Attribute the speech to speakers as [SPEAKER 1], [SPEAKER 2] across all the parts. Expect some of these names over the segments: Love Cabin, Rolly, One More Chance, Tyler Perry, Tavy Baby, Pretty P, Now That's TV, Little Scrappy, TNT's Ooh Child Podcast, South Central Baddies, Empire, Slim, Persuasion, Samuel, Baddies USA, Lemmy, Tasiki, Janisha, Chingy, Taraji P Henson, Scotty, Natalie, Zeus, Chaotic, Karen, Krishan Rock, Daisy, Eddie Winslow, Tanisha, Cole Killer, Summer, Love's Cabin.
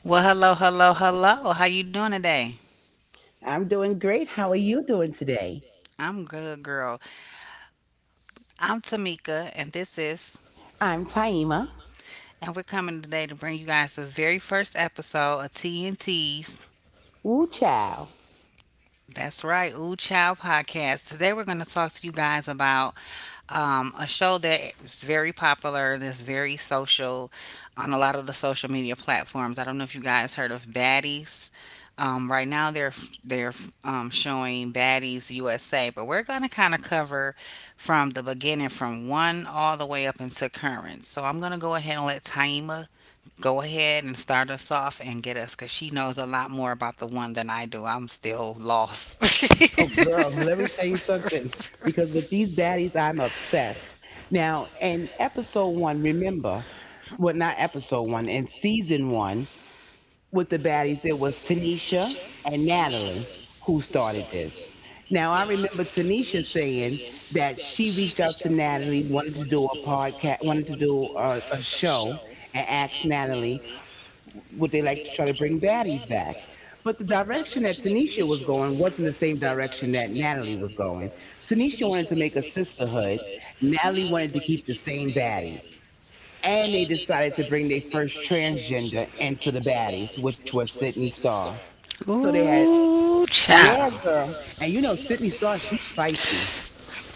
[SPEAKER 1] Well, hello, hello, hello. How you doing today?
[SPEAKER 2] I'm doing great. How are you doing today?
[SPEAKER 1] I'm good, girl. I'm Tamika, and
[SPEAKER 2] I'm Taima.
[SPEAKER 1] we're coming today to bring you guys the very first episode of TNT's.
[SPEAKER 2] Woo chow.
[SPEAKER 1] That's right, Ooh Child Podcast. Today we're going to talk to you guys about a show that is very popular, that's very social on a lot of the social media platforms. I don't know if you guys heard of Baddies. Right now they're showing Baddies USA, but we're gonna kind of cover from the beginning, from one all the way up into current. So I'm gonna go ahead and let Taima go ahead and start us off and get us, cause she knows a lot more about the one than I do. I'm still lost.
[SPEAKER 2] Oh, girl, let me tell you something. Because with these baddies, I'm obsessed. Now, in episode one, remember, well, not episode one, in season one, with the baddies, it was Tanisha and Natalie who started this. Now, I remember Tanisha saying that she reached out to Natalie, wanted to do a podcast, wanted to do a show, and asked Natalie would they like to try to bring baddies back? But the direction that Tanisha was going wasn't the same direction that Natalie was going. Tanisha wanted to make a sisterhood. Natalie wanted to keep the same baddies. And they decided to bring their first transgender into the baddies, which was Sydney Starr. So they had,
[SPEAKER 1] Ooh,
[SPEAKER 2] yeah,
[SPEAKER 1] child.
[SPEAKER 2] girl. And you know, Sydney Starr, she's spicy.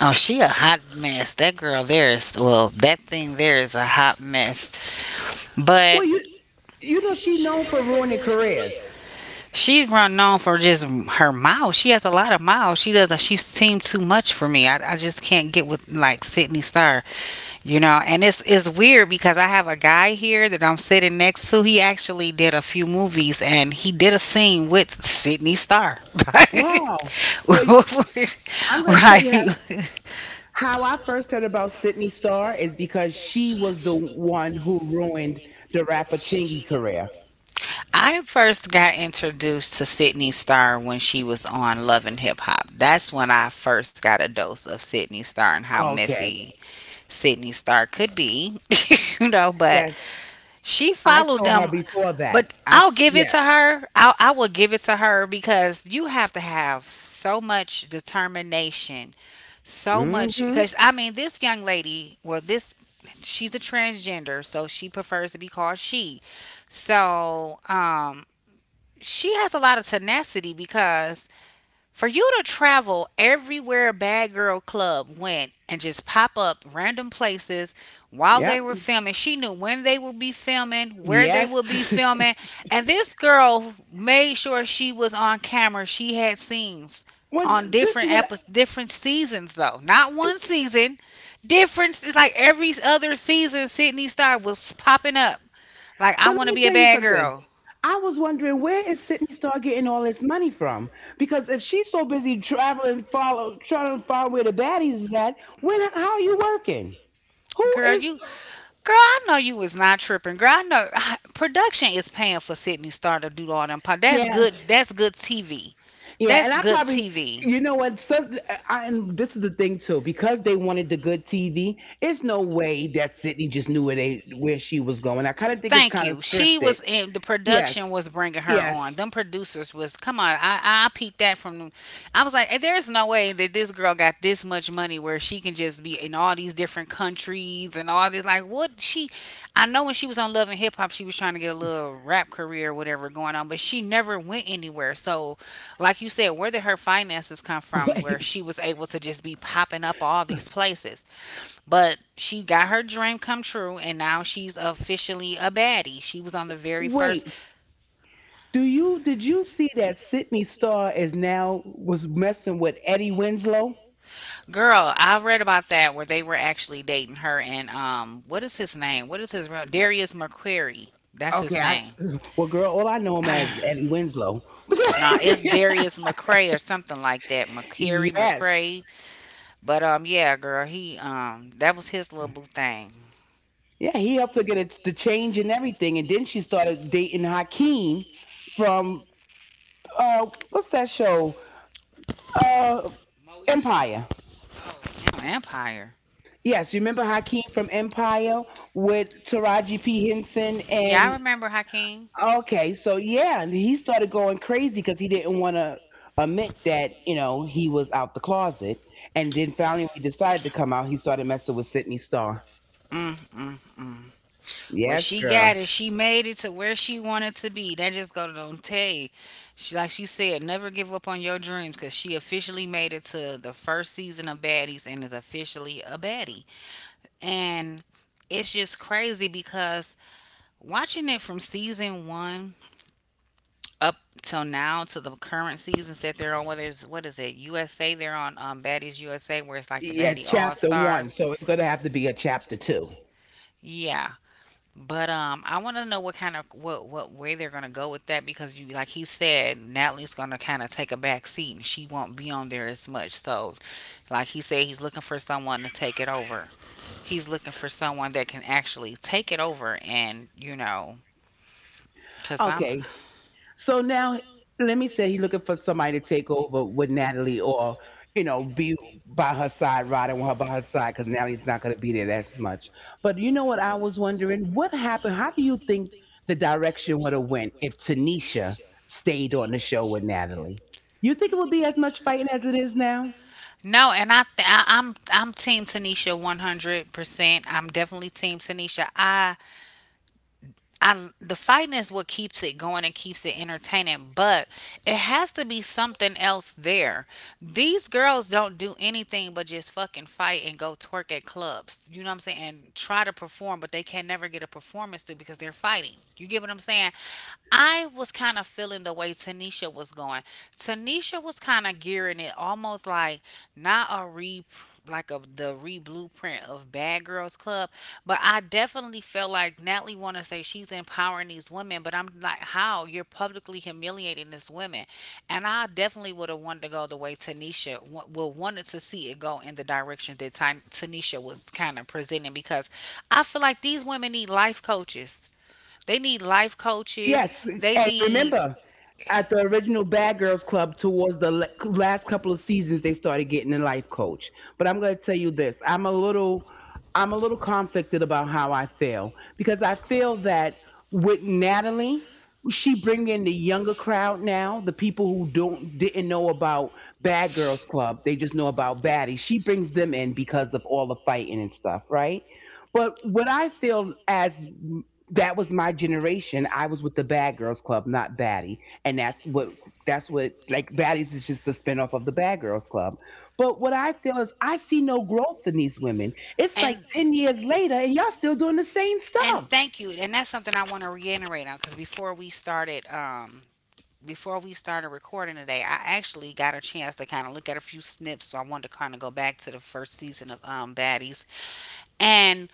[SPEAKER 1] Oh, she a hot mess. That girl there is well, that thing there is a hot mess. But
[SPEAKER 2] Well, you know, she's known for ruining careers.
[SPEAKER 1] she's run known for just her mouth. She has a lot of mouth. She does. She seemed too much for me. I just can't get with like Sydney Star, you know. And it's weird because I have a guy here that I'm sitting next to. He actually did a few movies and he did a scene with Sydney Star.
[SPEAKER 2] Wow. Well, I'm going to tell you how
[SPEAKER 1] Right.
[SPEAKER 2] How I first heard about Sydney Starr is because she was the one who ruined the rapper Chingy career.
[SPEAKER 1] I first got introduced to Sydney Starr when she was on Love and Hip Hop. That's when I first got a dose of Sydney Starr and how
[SPEAKER 2] Okay.
[SPEAKER 1] messy Sydney Starr could be, you know. But
[SPEAKER 2] Yes.
[SPEAKER 1] she
[SPEAKER 2] I
[SPEAKER 1] followed
[SPEAKER 2] saw her
[SPEAKER 1] them.
[SPEAKER 2] before that.
[SPEAKER 1] But
[SPEAKER 2] I
[SPEAKER 1] I'll give it to
[SPEAKER 2] yes.
[SPEAKER 1] her. I will give it to her because you have to have so much determination, so much.
[SPEAKER 2] Mm-hmm.
[SPEAKER 1] Because I mean, this young lady, well, this she's a transgender, so she prefers to be called she. So, she has a lot of tenacity because for you to travel everywhere Bad Girl Club went and just pop up random places while they
[SPEAKER 2] Yep.
[SPEAKER 1] were filming, she knew when they would be filming, where they
[SPEAKER 2] Yes.
[SPEAKER 1] would be filming. And this girl made sure she was on camera. She had scenes on
[SPEAKER 2] when this is
[SPEAKER 1] different
[SPEAKER 2] what I,
[SPEAKER 1] episodes, different seasons though. Not one
[SPEAKER 2] this
[SPEAKER 1] season. Different, it's like every other season Sydney Star was popping up. Like I
[SPEAKER 2] well, let
[SPEAKER 1] wanna
[SPEAKER 2] me
[SPEAKER 1] be a
[SPEAKER 2] tell you
[SPEAKER 1] bad
[SPEAKER 2] something.
[SPEAKER 1] girl.
[SPEAKER 2] I was wondering, where is Sydney Starr getting all this money from? Because if she's so busy traveling follow trying to find where the baddies is at, when how are you working? Who
[SPEAKER 1] Girl,
[SPEAKER 2] is
[SPEAKER 1] you Girl, I know you was not tripping. Girl, I know production is paying for Sydney Star to do all them. That's
[SPEAKER 2] yeah.
[SPEAKER 1] good. That's good TV.
[SPEAKER 2] Yeah, and
[SPEAKER 1] That's
[SPEAKER 2] I
[SPEAKER 1] good
[SPEAKER 2] probably,
[SPEAKER 1] TV.
[SPEAKER 2] you know what? And this is the thing too, because they wanted the good TV. It's no way that Sydney just knew where she was going. I kind of think it's
[SPEAKER 1] Thank
[SPEAKER 2] kind
[SPEAKER 1] you.
[SPEAKER 2] of
[SPEAKER 1] She
[SPEAKER 2] scripted.
[SPEAKER 1] was in the production
[SPEAKER 2] Yes,
[SPEAKER 1] was bringing her
[SPEAKER 2] yes.
[SPEAKER 1] on. Them producers was come on. I peeped that from them. I was like, "Hey, there is no way that this girl got this much money where she can just be in all these different countries and all this. Like, what she? I know when she was on Love and Hip Hop, she was trying to get a little rap career or whatever going on, but she never went anywhere. So, like you said, where did her finances come from? Where
[SPEAKER 2] Wait,
[SPEAKER 1] she was able to just be popping up all these places?" But she got her dream come true, and now she's officially a baddie. She was on the very first
[SPEAKER 2] wait. Do you Did you see that Sydney Star is now was messing with Eddie Winslow?
[SPEAKER 1] girl I read about that where they were actually dating her and what is his name? What is his real Darius McQuarrie? That's his
[SPEAKER 2] Okay, I
[SPEAKER 1] name.
[SPEAKER 2] well, girl, all I know him as is Eddie Winslow.
[SPEAKER 1] Nah, it's Darius McRae or something like that. McCary
[SPEAKER 2] Yes,
[SPEAKER 1] McRae. But yeah, girl, he that was his little boo thing.
[SPEAKER 2] yeah, he helped her get it to change and everything, and then she started dating Hakeem from what's that show? Uh,
[SPEAKER 1] Moesha.
[SPEAKER 2] Empire.
[SPEAKER 1] Oh, damn, Empire.
[SPEAKER 2] Yes, you remember Hakeem from Empire with Taraji P Henson
[SPEAKER 1] Yeah, I
[SPEAKER 2] and
[SPEAKER 1] remember Hakeem.
[SPEAKER 2] okay, so yeah, and he started going crazy because he didn't want to admit that you know he was out the closet, and then finally when he decided to come out, he started messing with Sydney Starr.
[SPEAKER 1] Mm mm mm. What
[SPEAKER 2] Yes,
[SPEAKER 1] she
[SPEAKER 2] girl.
[SPEAKER 1] got is she made it to where she wanted to be. That just go to don't tell you. She said, never give up on your dreams because she officially made it to the first season of Baddies and is officially a baddie. And it's just crazy because watching it from season one up till now to the current seasons that they're on, whether it's what is it USA? They're on Baddies USA where it's like the
[SPEAKER 2] Yes,
[SPEAKER 1] Baddie All
[SPEAKER 2] chapter
[SPEAKER 1] Stars.
[SPEAKER 2] one. So it's gonna have to be a chapter two.
[SPEAKER 1] Yeah, but I want to know what kind of what way they're gonna go with that because you like he said, Natalie's gonna kind of take a back seat and she won't be on there as much. So, like he said, he's looking for someone to take it over. He's looking for someone that can actually take it over and you know, cause I'm
[SPEAKER 2] Okay. So now, let me say he's looking for somebody to take over with Natalie, or you know, be by her side, riding with her by her side, because Natalie's not going to be there as much. But you know what? I was wondering, what happened? How do you think the direction would have went if Tanisha stayed on the show with Natalie? You think it would be as much fighting as it is now?
[SPEAKER 1] no, and I'm Team Tanisha 100%. I'm definitely Team Tanisha. I The fighting is what keeps it going and keeps it entertaining, but it has to be something else there. These girls don't do anything but just fucking fight and go twerk at clubs. You know what I'm saying? And try to perform, but they can never get a performance through because they're fighting. You get what I'm saying? I was kind of feeling the way Tanisha was going. Tanisha was kind of gearing it almost like not a replay, like a the re blueprint of Bad Girls Club, but I definitely feel like Natalie want to say she's empowering these women, but I'm like, how you're publicly humiliating these women, and I definitely would have wanted to go the way Tanisha wanted to see it go in the direction that Tanisha was kind of presenting because I feel like these women need life coaches. They need life coaches.
[SPEAKER 2] Yes,
[SPEAKER 1] They
[SPEAKER 2] and
[SPEAKER 1] need
[SPEAKER 2] remember, at the original Bad Girls Club, towards the last couple of seasons, they started getting a life coach. But I'm going to tell you this: I'm a little conflicted about how I feel, because I feel that with Natalie, she bring in the younger crowd now. The people who don't didn't know about Bad Girls Club, they just know about Baddie. She brings them in because of all the fighting and stuff, right? But what I feel as that was my generation. I was with the Bad Girls Club, not Batty, and that's what like Baddies is just a spinoff of the Bad Girls Club. But what I feel is I see no growth in these women. It's like
[SPEAKER 1] and.
[SPEAKER 2] 10 years later, and y'all still doing the same
[SPEAKER 1] And
[SPEAKER 2] stuff.
[SPEAKER 1] thank you. And that's something I want to reiterate on because before we started, before we started recording today, I actually got a chance to kind of look at a few snips. So I wanted to kind of go back to the first season of Baddies, and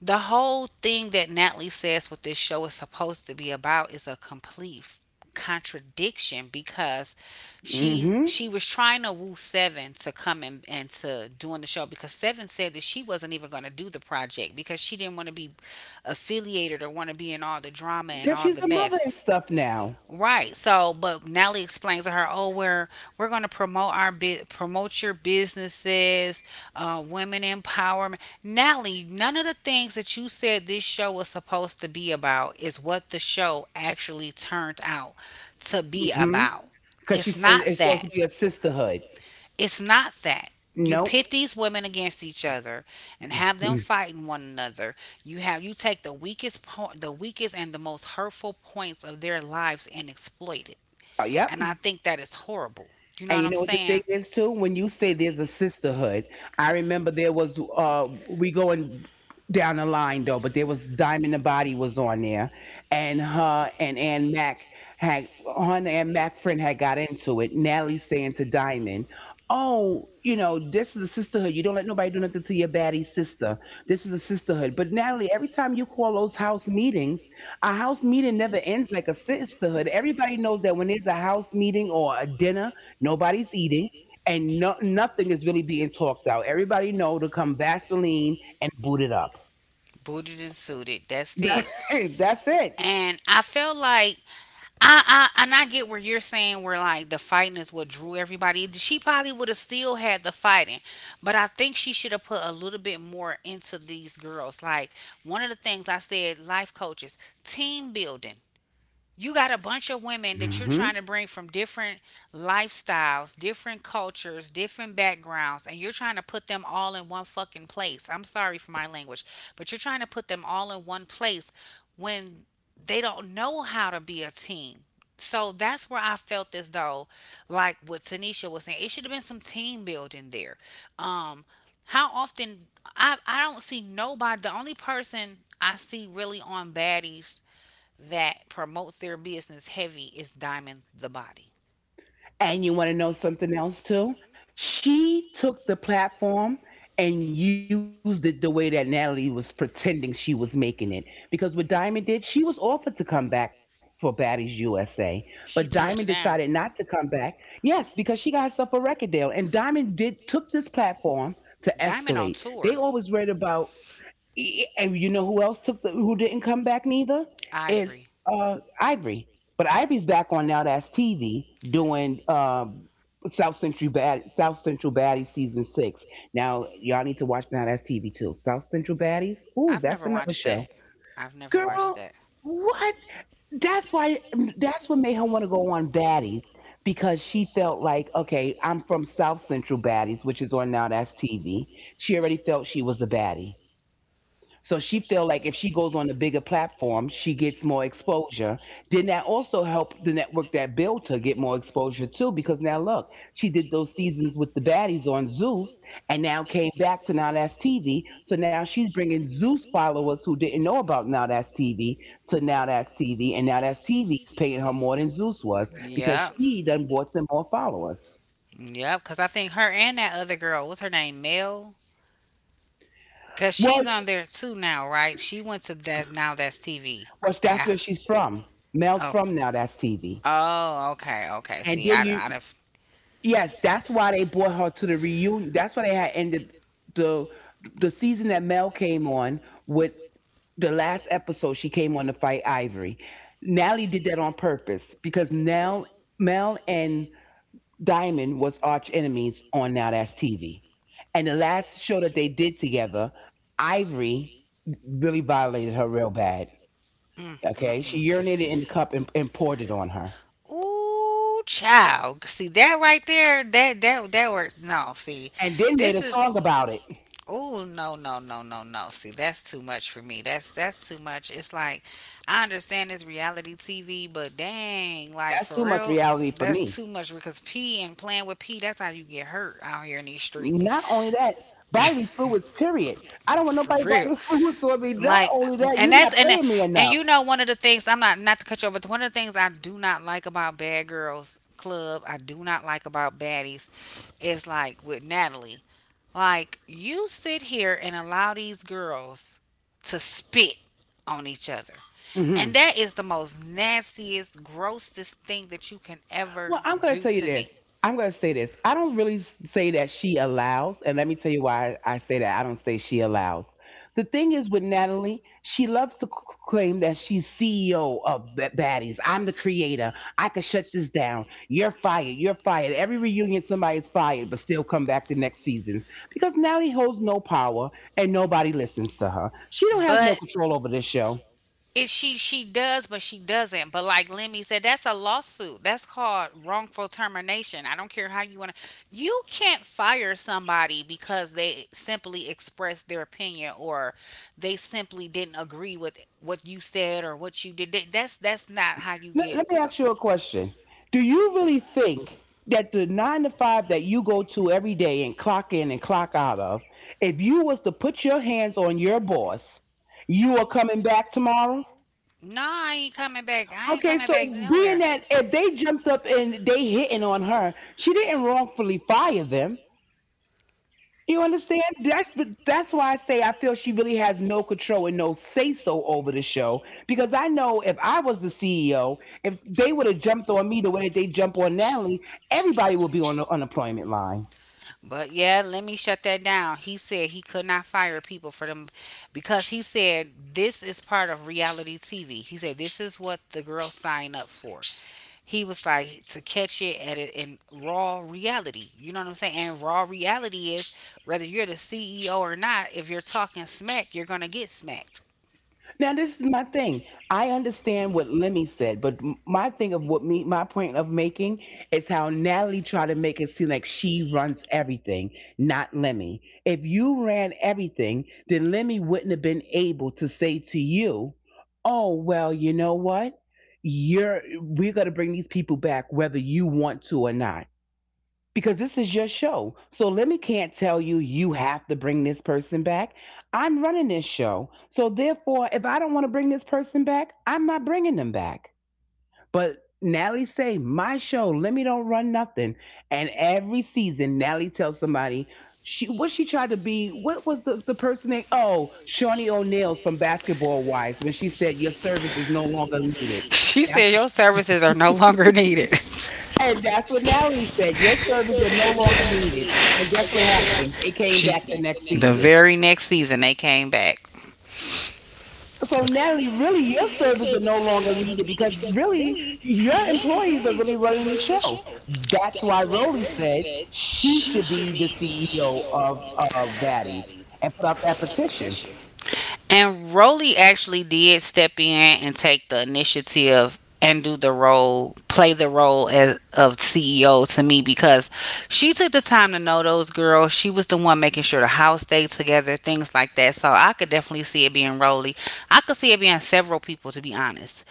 [SPEAKER 1] the whole thing that Natalie says what this show is supposed to be about is a complete contradiction because she
[SPEAKER 2] Mm-hmm.
[SPEAKER 1] she was trying to woo Seven to come and to doing the show because Seven said that she wasn't even going to do the project because she didn't want to be affiliated or want to be in all the drama and
[SPEAKER 2] Because
[SPEAKER 1] all
[SPEAKER 2] she's
[SPEAKER 1] the
[SPEAKER 2] a mother and
[SPEAKER 1] mess.
[SPEAKER 2] stuff now.
[SPEAKER 1] Right. So, but Natalie explains to her, "Oh, we're going to promote our promote your businesses, women empowerment." Natalie, none of the things that you said this show was supposed to be about is what the show actually turned out to be
[SPEAKER 2] Mm-hmm.
[SPEAKER 1] about.
[SPEAKER 2] Because she
[SPEAKER 1] It's
[SPEAKER 2] said
[SPEAKER 1] not
[SPEAKER 2] it's supposed
[SPEAKER 1] that.
[SPEAKER 2] to be a sisterhood.
[SPEAKER 1] It's not that. You
[SPEAKER 2] Nope.
[SPEAKER 1] pit these women against each other and have them
[SPEAKER 2] Mm.
[SPEAKER 1] fighting one another. You take the the weakest and the most hurtful points of their lives and exploit it,
[SPEAKER 2] Oh, yep.
[SPEAKER 1] and I think that is horrible. You know
[SPEAKER 2] And
[SPEAKER 1] what
[SPEAKER 2] you
[SPEAKER 1] I'm And
[SPEAKER 2] know
[SPEAKER 1] you
[SPEAKER 2] what the thing
[SPEAKER 1] saying?
[SPEAKER 2] is too? When you say there's a sisterhood, I remember there was we going down the line though, but there was Diamond the Body was on there, and her and Ann Mac had her and Ann Mac friend had got into it. Natalie saying to Diamond, oh, you know, this is a sisterhood. You don't let nobody do nothing to your baddie sister. This is a sisterhood. But Natalie, every time you call those house meetings, a house meeting never ends like a sisterhood. Everybody knows that when there's a house meeting or a dinner, nobody's eating, and no, nothing is really being talked out. Everybody know to come Vaseline and boot it up.
[SPEAKER 1] Booted and suited. That's
[SPEAKER 2] That,
[SPEAKER 1] it.
[SPEAKER 2] that's it.
[SPEAKER 1] And I felt like I get where you're saying where like the fighting is what drew everybody. She probably would have still had the fighting, but I think she should have put a little bit more into these girls. Like one of the things I said, life coaches, team building. You got a bunch of women that you're trying
[SPEAKER 2] Hmm.
[SPEAKER 1] to bring from different lifestyles, different cultures, different backgrounds, and you're trying to put them all in one fucking place. I'm sorry for my language, but you're trying to put them all in one place when they don't know how to be a team. So that's where I felt as though, like what Tanisha was saying, it should have been some team building there. Um, how often I don't see nobody. The only person I see really on baddies that promotes their business heavy is Diamond the Body.
[SPEAKER 2] And you want to know something else too? She took the platform and used it the way that Natalie was pretending she was making it. Because what Diamond did, she was offered to come back for Baddies USA, but Diamond
[SPEAKER 1] She turned
[SPEAKER 2] decided
[SPEAKER 1] it
[SPEAKER 2] not to
[SPEAKER 1] down.
[SPEAKER 2] come back. Yes, because she got herself a record deal, and Diamond did took this platform to
[SPEAKER 1] Diamond
[SPEAKER 2] escalate.
[SPEAKER 1] on
[SPEAKER 2] They
[SPEAKER 1] tour.
[SPEAKER 2] always read about and you know who else took the who didn't come back neither is
[SPEAKER 1] Ivory.
[SPEAKER 2] Ivory. But Ivory's back on Now That's TV doing South Central Bad South Central Baddies season six. Now y'all need to watch Now That's TV too. South Central Baddies. Ooh,
[SPEAKER 1] I've
[SPEAKER 2] that's
[SPEAKER 1] never
[SPEAKER 2] another
[SPEAKER 1] watched that.
[SPEAKER 2] show.
[SPEAKER 1] I've never watched
[SPEAKER 2] Girl,
[SPEAKER 1] that.
[SPEAKER 2] what? That's why. That's what made her want to go on Baddies, because she felt like, okay, I'm from South Central Baddies, which is on Now That's TV. She already felt she was a baddie. So she feel like if she goes on a bigger platform, she gets more exposure. Then that also helped the network that built her get more exposure too, because now look, she did those seasons with the baddies on Zeus, and now came back to Now That's TV. So now she's bringing Zeus followers who didn't know about Now That's TV to Now That's TV, and Now That's TV is paying her more than Zeus was because
[SPEAKER 1] Yep.
[SPEAKER 2] she done bought them more followers.
[SPEAKER 1] Yep, because I think her and that other girl, what's her name, Mel? Because
[SPEAKER 2] Well,
[SPEAKER 1] she's on there too now, right? She went to that, now that's TV.
[SPEAKER 2] well, that's
[SPEAKER 1] Ah,
[SPEAKER 2] where she's from. Mel's
[SPEAKER 1] oh.
[SPEAKER 2] from Now That's TV.
[SPEAKER 1] Oh, okay, okay.
[SPEAKER 2] And
[SPEAKER 1] See,
[SPEAKER 2] then you
[SPEAKER 1] I, def-
[SPEAKER 2] yes, that's why they brought her to the reunion. That's why they had ended the the season that Mel came on with the last episode. She came on to fight Ivory. Nally did that on purpose because Nell, Mel, and Diamond was arch enemies on Now That's TV. And the last show that they did together, Ivory really violated her real bad.
[SPEAKER 1] Mm,
[SPEAKER 2] Okay,
[SPEAKER 1] mm,
[SPEAKER 2] she urinated in the cup and, poured it on her,
[SPEAKER 1] ooh, child. See that right there? That works. No, see,
[SPEAKER 2] and then made
[SPEAKER 1] this
[SPEAKER 2] a song
[SPEAKER 1] is.
[SPEAKER 2] about it.
[SPEAKER 1] Ooh, no, no, no, no, no. See, that's too much for me. That's too much. It's like I understand it's reality TV, but dang, like
[SPEAKER 2] That's
[SPEAKER 1] for
[SPEAKER 2] too much
[SPEAKER 1] real,
[SPEAKER 2] reality for
[SPEAKER 1] that's
[SPEAKER 2] me.
[SPEAKER 1] too much because pee and playing with pee, that's how you get hurt out here in these streets.
[SPEAKER 2] Not only that, bodily fluids, period. I don't want
[SPEAKER 1] For
[SPEAKER 2] nobody
[SPEAKER 1] real.
[SPEAKER 2] bodily fluids on me. Not
[SPEAKER 1] Like
[SPEAKER 2] only that,
[SPEAKER 1] and
[SPEAKER 2] you're not
[SPEAKER 1] that's
[SPEAKER 2] paying me
[SPEAKER 1] and
[SPEAKER 2] enough.
[SPEAKER 1] one of the things I'm not not to cut you over, but one of the things I do not like about Bad Girls Club, I do not like about Baddies is like with Natalie, like you sit here and allow these girls to spit on each other,
[SPEAKER 2] Hmm.
[SPEAKER 1] and that is the most nastiest grossest thing that you can ever
[SPEAKER 2] Well, I'm going to
[SPEAKER 1] do
[SPEAKER 2] tell you
[SPEAKER 1] to me.
[SPEAKER 2] this. I'm going to say this. I don't really say that she allows, and let me tell you why I say that. I don't say she allows. The thing is with Natalie, she loves to claim that she's CEO of Baddies. I'm the creator. I could shut this down. You're fired. You're fired. Every reunion, somebody's fired, but still come back the next seasons because Natalie holds no power and nobody listens to her. She don't has no
[SPEAKER 1] But
[SPEAKER 2] control over this show.
[SPEAKER 1] it she does, but she doesn't. But like Lemmy said, that's a lawsuit, that's called wrongful termination. I don't care how you want to, you can't fire somebody because they simply expressed their opinion or they simply didn't agree with what you said or what you did. That's not how you get
[SPEAKER 2] Let me ask you a question. Do you really think that the nine to five that you go to every day and clock in and clock out of, if you was to put your hands on your boss, you are coming back tomorrow?
[SPEAKER 1] no, I ain't coming back, I ain't
[SPEAKER 2] Okay,
[SPEAKER 1] coming
[SPEAKER 2] so
[SPEAKER 1] back
[SPEAKER 2] being
[SPEAKER 1] nowhere.
[SPEAKER 2] that if they jumped up and they hitting on her, she didn't wrongfully fire them. You understand? That's why I say I feel she really has no control and no say so over the show. Because I know if I was the CEO, if they would have jumped on me the way that they jump on Natalie, everybody would be on the unemployment line.
[SPEAKER 1] But yeah, let me shut that down. He said he could not fire people for them because he said this is part of reality TV. He said this is what the girls sign up for. He was like to catch it at it in raw reality. You know what I'm saying? And raw reality is whether you're the CEO or not, if you're talking smack, you're gonna get smacked.
[SPEAKER 2] Now this is my thing. I understand what Lemmy said, but my thing of what me my point of making is how Natalie tried to make it seem like she runs everything, not Lemmy. If you ran everything, then Lemmy wouldn't have been able to say to you, "Oh well, you know what? You're We're gonna bring these people back whether you want to or not," because this is your show. So let me can't tell you you have to bring this person back. I'm running this show. So therefore, if I don't want to bring this person back, I'm not bringing them back. But Nally say, my show, let me don't run nothing. And every season, Nally tells somebody, she what she tried to be, what was the person name? Oh, Shawnee O'Neill's from Basketball Wives when she said your service is no longer needed.
[SPEAKER 1] She
[SPEAKER 2] That's
[SPEAKER 1] said
[SPEAKER 2] what
[SPEAKER 1] your services are no longer needed.
[SPEAKER 2] and that's what Natalie said. Your services are no longer needed. And guess what happened? They came back
[SPEAKER 1] She,
[SPEAKER 2] the next
[SPEAKER 1] the
[SPEAKER 2] season.
[SPEAKER 1] very next season they came back.
[SPEAKER 2] So Natalie, really, your services are no longer needed because really your employees are really running the show. That's why Rowley said she should be the CEO of Baddies and put up that petition.
[SPEAKER 1] And Rolly actually did step in and take the initiative and do the role, play the role as of CEO to me because she took the time to know those girls. She was the one making sure the house stayed together, things like that. So I could definitely see it being Rolly. I could see it being several people to be honest.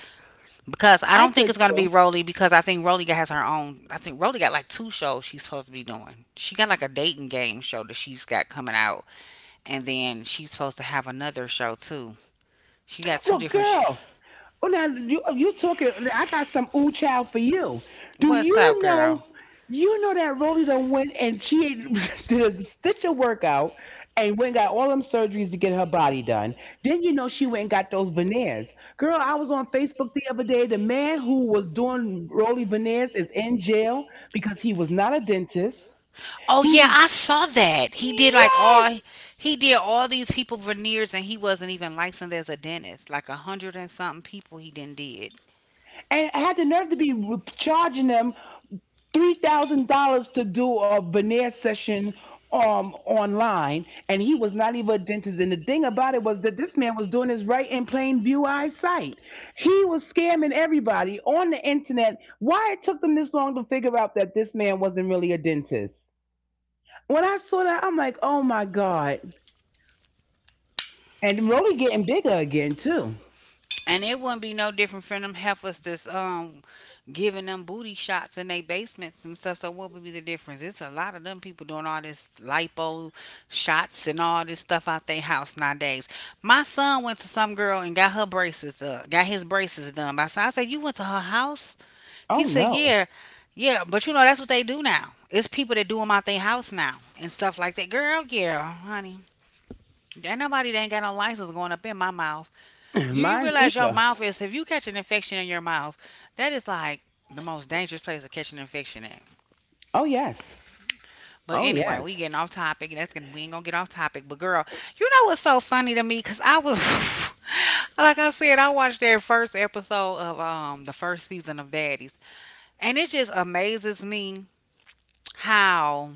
[SPEAKER 1] Because
[SPEAKER 2] I
[SPEAKER 1] I don't
[SPEAKER 2] could
[SPEAKER 1] think it's gonna
[SPEAKER 2] too.
[SPEAKER 1] be Rolly because I think Rolly has her own, I think Rolly got like two shows she's supposed to be doing. She got like a dating game show that she's got coming out and then she's supposed to have another show too. She got two
[SPEAKER 2] Well,
[SPEAKER 1] different. Sh-
[SPEAKER 2] girl, Well, now you talking? I got some ooh child for you. Do
[SPEAKER 1] What's up,
[SPEAKER 2] you
[SPEAKER 1] girl?
[SPEAKER 2] know? You know that Rolly done went and she did a stitcher workout and went and got all them surgeries to get her body done. Then you know she went and got those veneers. Girl, I was on Facebook the other day. The man who was doing Rolly veneers is in jail because he was not a dentist.
[SPEAKER 1] Oh
[SPEAKER 2] He
[SPEAKER 1] yeah,
[SPEAKER 2] was
[SPEAKER 1] I saw that. He did like
[SPEAKER 2] Yes,
[SPEAKER 1] all, he did all these people veneers, and he wasn't even licensed as a dentist. Like a hundred and something people he didn't did.
[SPEAKER 2] and had the nerve to be charging them $3,000 to do a veneer session online, and he was not even a dentist. And the thing about it was that this man was doing this right in plain view eyesight. He was scamming everybody on the internet. Why it took them this long to figure out that this man wasn't really a dentist? When I saw that, I'm like, oh my god. And Rolly getting bigger again too.
[SPEAKER 1] And it wouldn't be no different from them heifers that's giving them booty shots in their basements and stuff. So what would be the difference? It's a lot of them people doing all this lipo shots and all this stuff out their house nowadays. My son went to some girl and got her braces got his braces done. I said, you went to her house? He
[SPEAKER 2] Oh
[SPEAKER 1] said,
[SPEAKER 2] no.
[SPEAKER 1] yeah, yeah, but you know that's what they do now. It's people that do them out their house now and stuff like that. Girl, yeah, honey. Ain't nobody that ain't got no license going up in my mouth. You
[SPEAKER 2] Mine's
[SPEAKER 1] realize your
[SPEAKER 2] neither.
[SPEAKER 1] mouth is, if you catch an infection in your mouth, that is like the most dangerous place to catch an infection in.
[SPEAKER 2] Oh yes.
[SPEAKER 1] But
[SPEAKER 2] Oh
[SPEAKER 1] anyway, we
[SPEAKER 2] yes.
[SPEAKER 1] getting off topic. That's gonna we ain't gonna get off topic. But girl, you know what's so funny to me? Cause I was like I said, I watched their first episode of the first season of Baddies, and it just amazes me how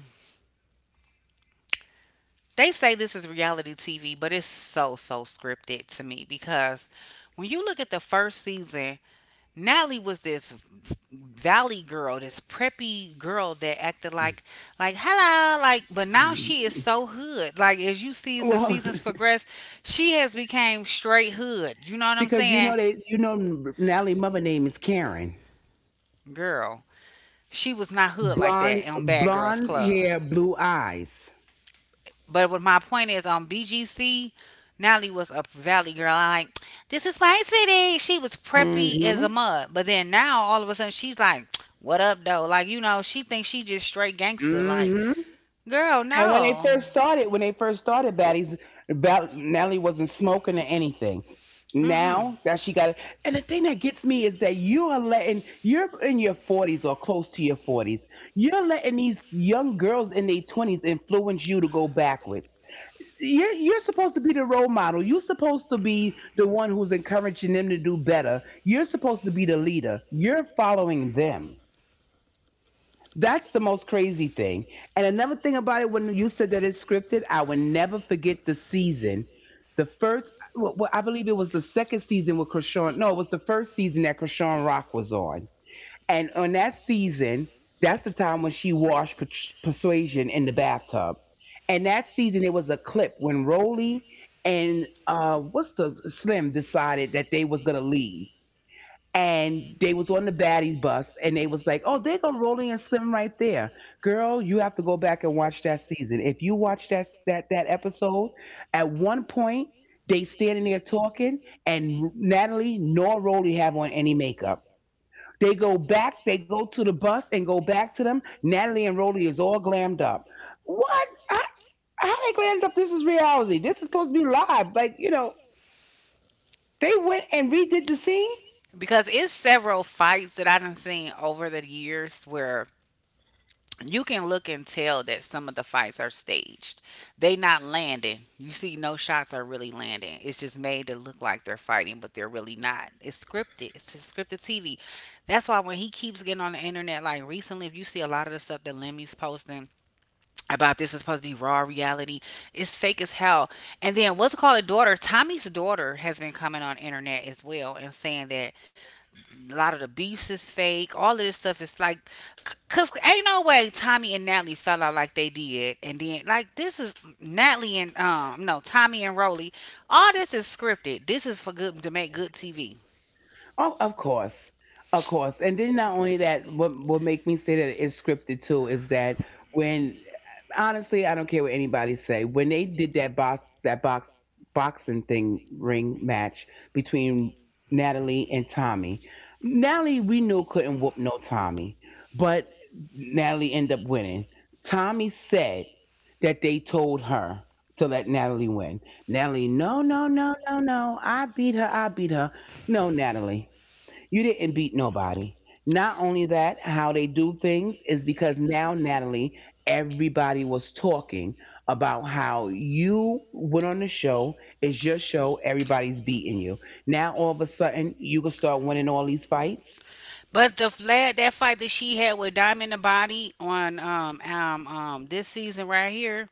[SPEAKER 1] they say this is reality TV, but it's so so scripted to me because when you look at the first season, Natalie was this valley girl, this preppy girl that acted like hello, like. But now she is so hood. Like as you see as the
[SPEAKER 2] Well,
[SPEAKER 1] seasons progress, she has became straight hood. You know what I'm
[SPEAKER 2] because you know
[SPEAKER 1] saying,
[SPEAKER 2] they. Natalie mother name is Karen.
[SPEAKER 1] girl? She was not hood like
[SPEAKER 2] Blonde
[SPEAKER 1] that on Bad Girls
[SPEAKER 2] blonde
[SPEAKER 1] Club.
[SPEAKER 2] hair, blue eyes.
[SPEAKER 1] But what my point is on BGC, Natalie was a valley girl. I like, this is my city. She was preppy as a
[SPEAKER 2] Hmm.
[SPEAKER 1] mud. But then now all of a sudden she's like, what up though? Like, you know, she thinks she just straight gangster. Like,
[SPEAKER 2] Hmm.
[SPEAKER 1] girl,
[SPEAKER 2] And when they
[SPEAKER 1] no.
[SPEAKER 2] first started, Baddies, Natalie wasn't smoking or anything.
[SPEAKER 1] Mm-mm.
[SPEAKER 2] Now that she got it, and the thing that gets me is that you are letting you're in your forties or close to your forties. You're letting these young girls in their twenties influence you to go backwards. Yeah, you're supposed to be the role model. You're supposed to be the one who's encouraging them to do better. You're supposed to be the leader. You're following them. That's the most crazy thing. And another thing about it, when you said that it's scripted, I will never forget the season. The first, well, I believe it was the second season with Krishan. No, it was the first season that Krishan Rock was on, and on that season, that's the time when she washed Persuasion in the bathtub. And that season, it was a clip when Rolly and what's the Slim decided that they was gonna leave, and they was on the baddies bus, and they was like, "Oh, there go Rolly and Slim right there, girl. You have to go back and watch that season. If you watch that episode, at one point." They standing there talking, and Natalie nor Rolly have on any makeup. They go back, they go to the bus and go back to them. Natalie and Rhodey is all glammed up. What? How they glammed up? This is reality. This is supposed to be live. Like, you know, they went and redid the scene?
[SPEAKER 1] Because it's several fights that I done seen over the years where you can look and tell that some of the fights are staged. They not landing. You see no shots are really landing. It's just made to look like they're fighting, but they're really not. It's scripted. It's just scripted TV. That's why when he keeps getting on the internet, like recently, if you see a lot of the stuff that Lemmy's posting about, this is supposed to be raw reality. It's fake as hell. And then what's it called a daughter? Tommy's daughter has been coming on internet as well and saying that a lot of the beefs is fake. All of this stuff is like, cause ain't no way Tommy and Natalie fell out like they did. And then like this is Natalie and no Tommy and Rolly. All this is scripted. This is for good to make good TV.
[SPEAKER 2] Oh, of course, of course. And then not only that, what make me say that it's scripted too is that when honestly, I don't care what anybody say. When they did that boxing thing ring match between Natalie and Tommy, Natalie we knew couldn't whoop no Tommy, but Natalie ended up winning. Tommy said that they told her to let Natalie win. Natalie, no, no, no, no, no. I beat her. I beat her. No, Natalie. You didn't beat nobody. Not only that, how they do things is because now, Natalie, everybody was talking about how you went on the show. It's your show. Everybody's beating you. Now, all of a sudden, you can start winning all these fights.
[SPEAKER 1] But the flat that fight that she had with Diamond the Body on this season right here.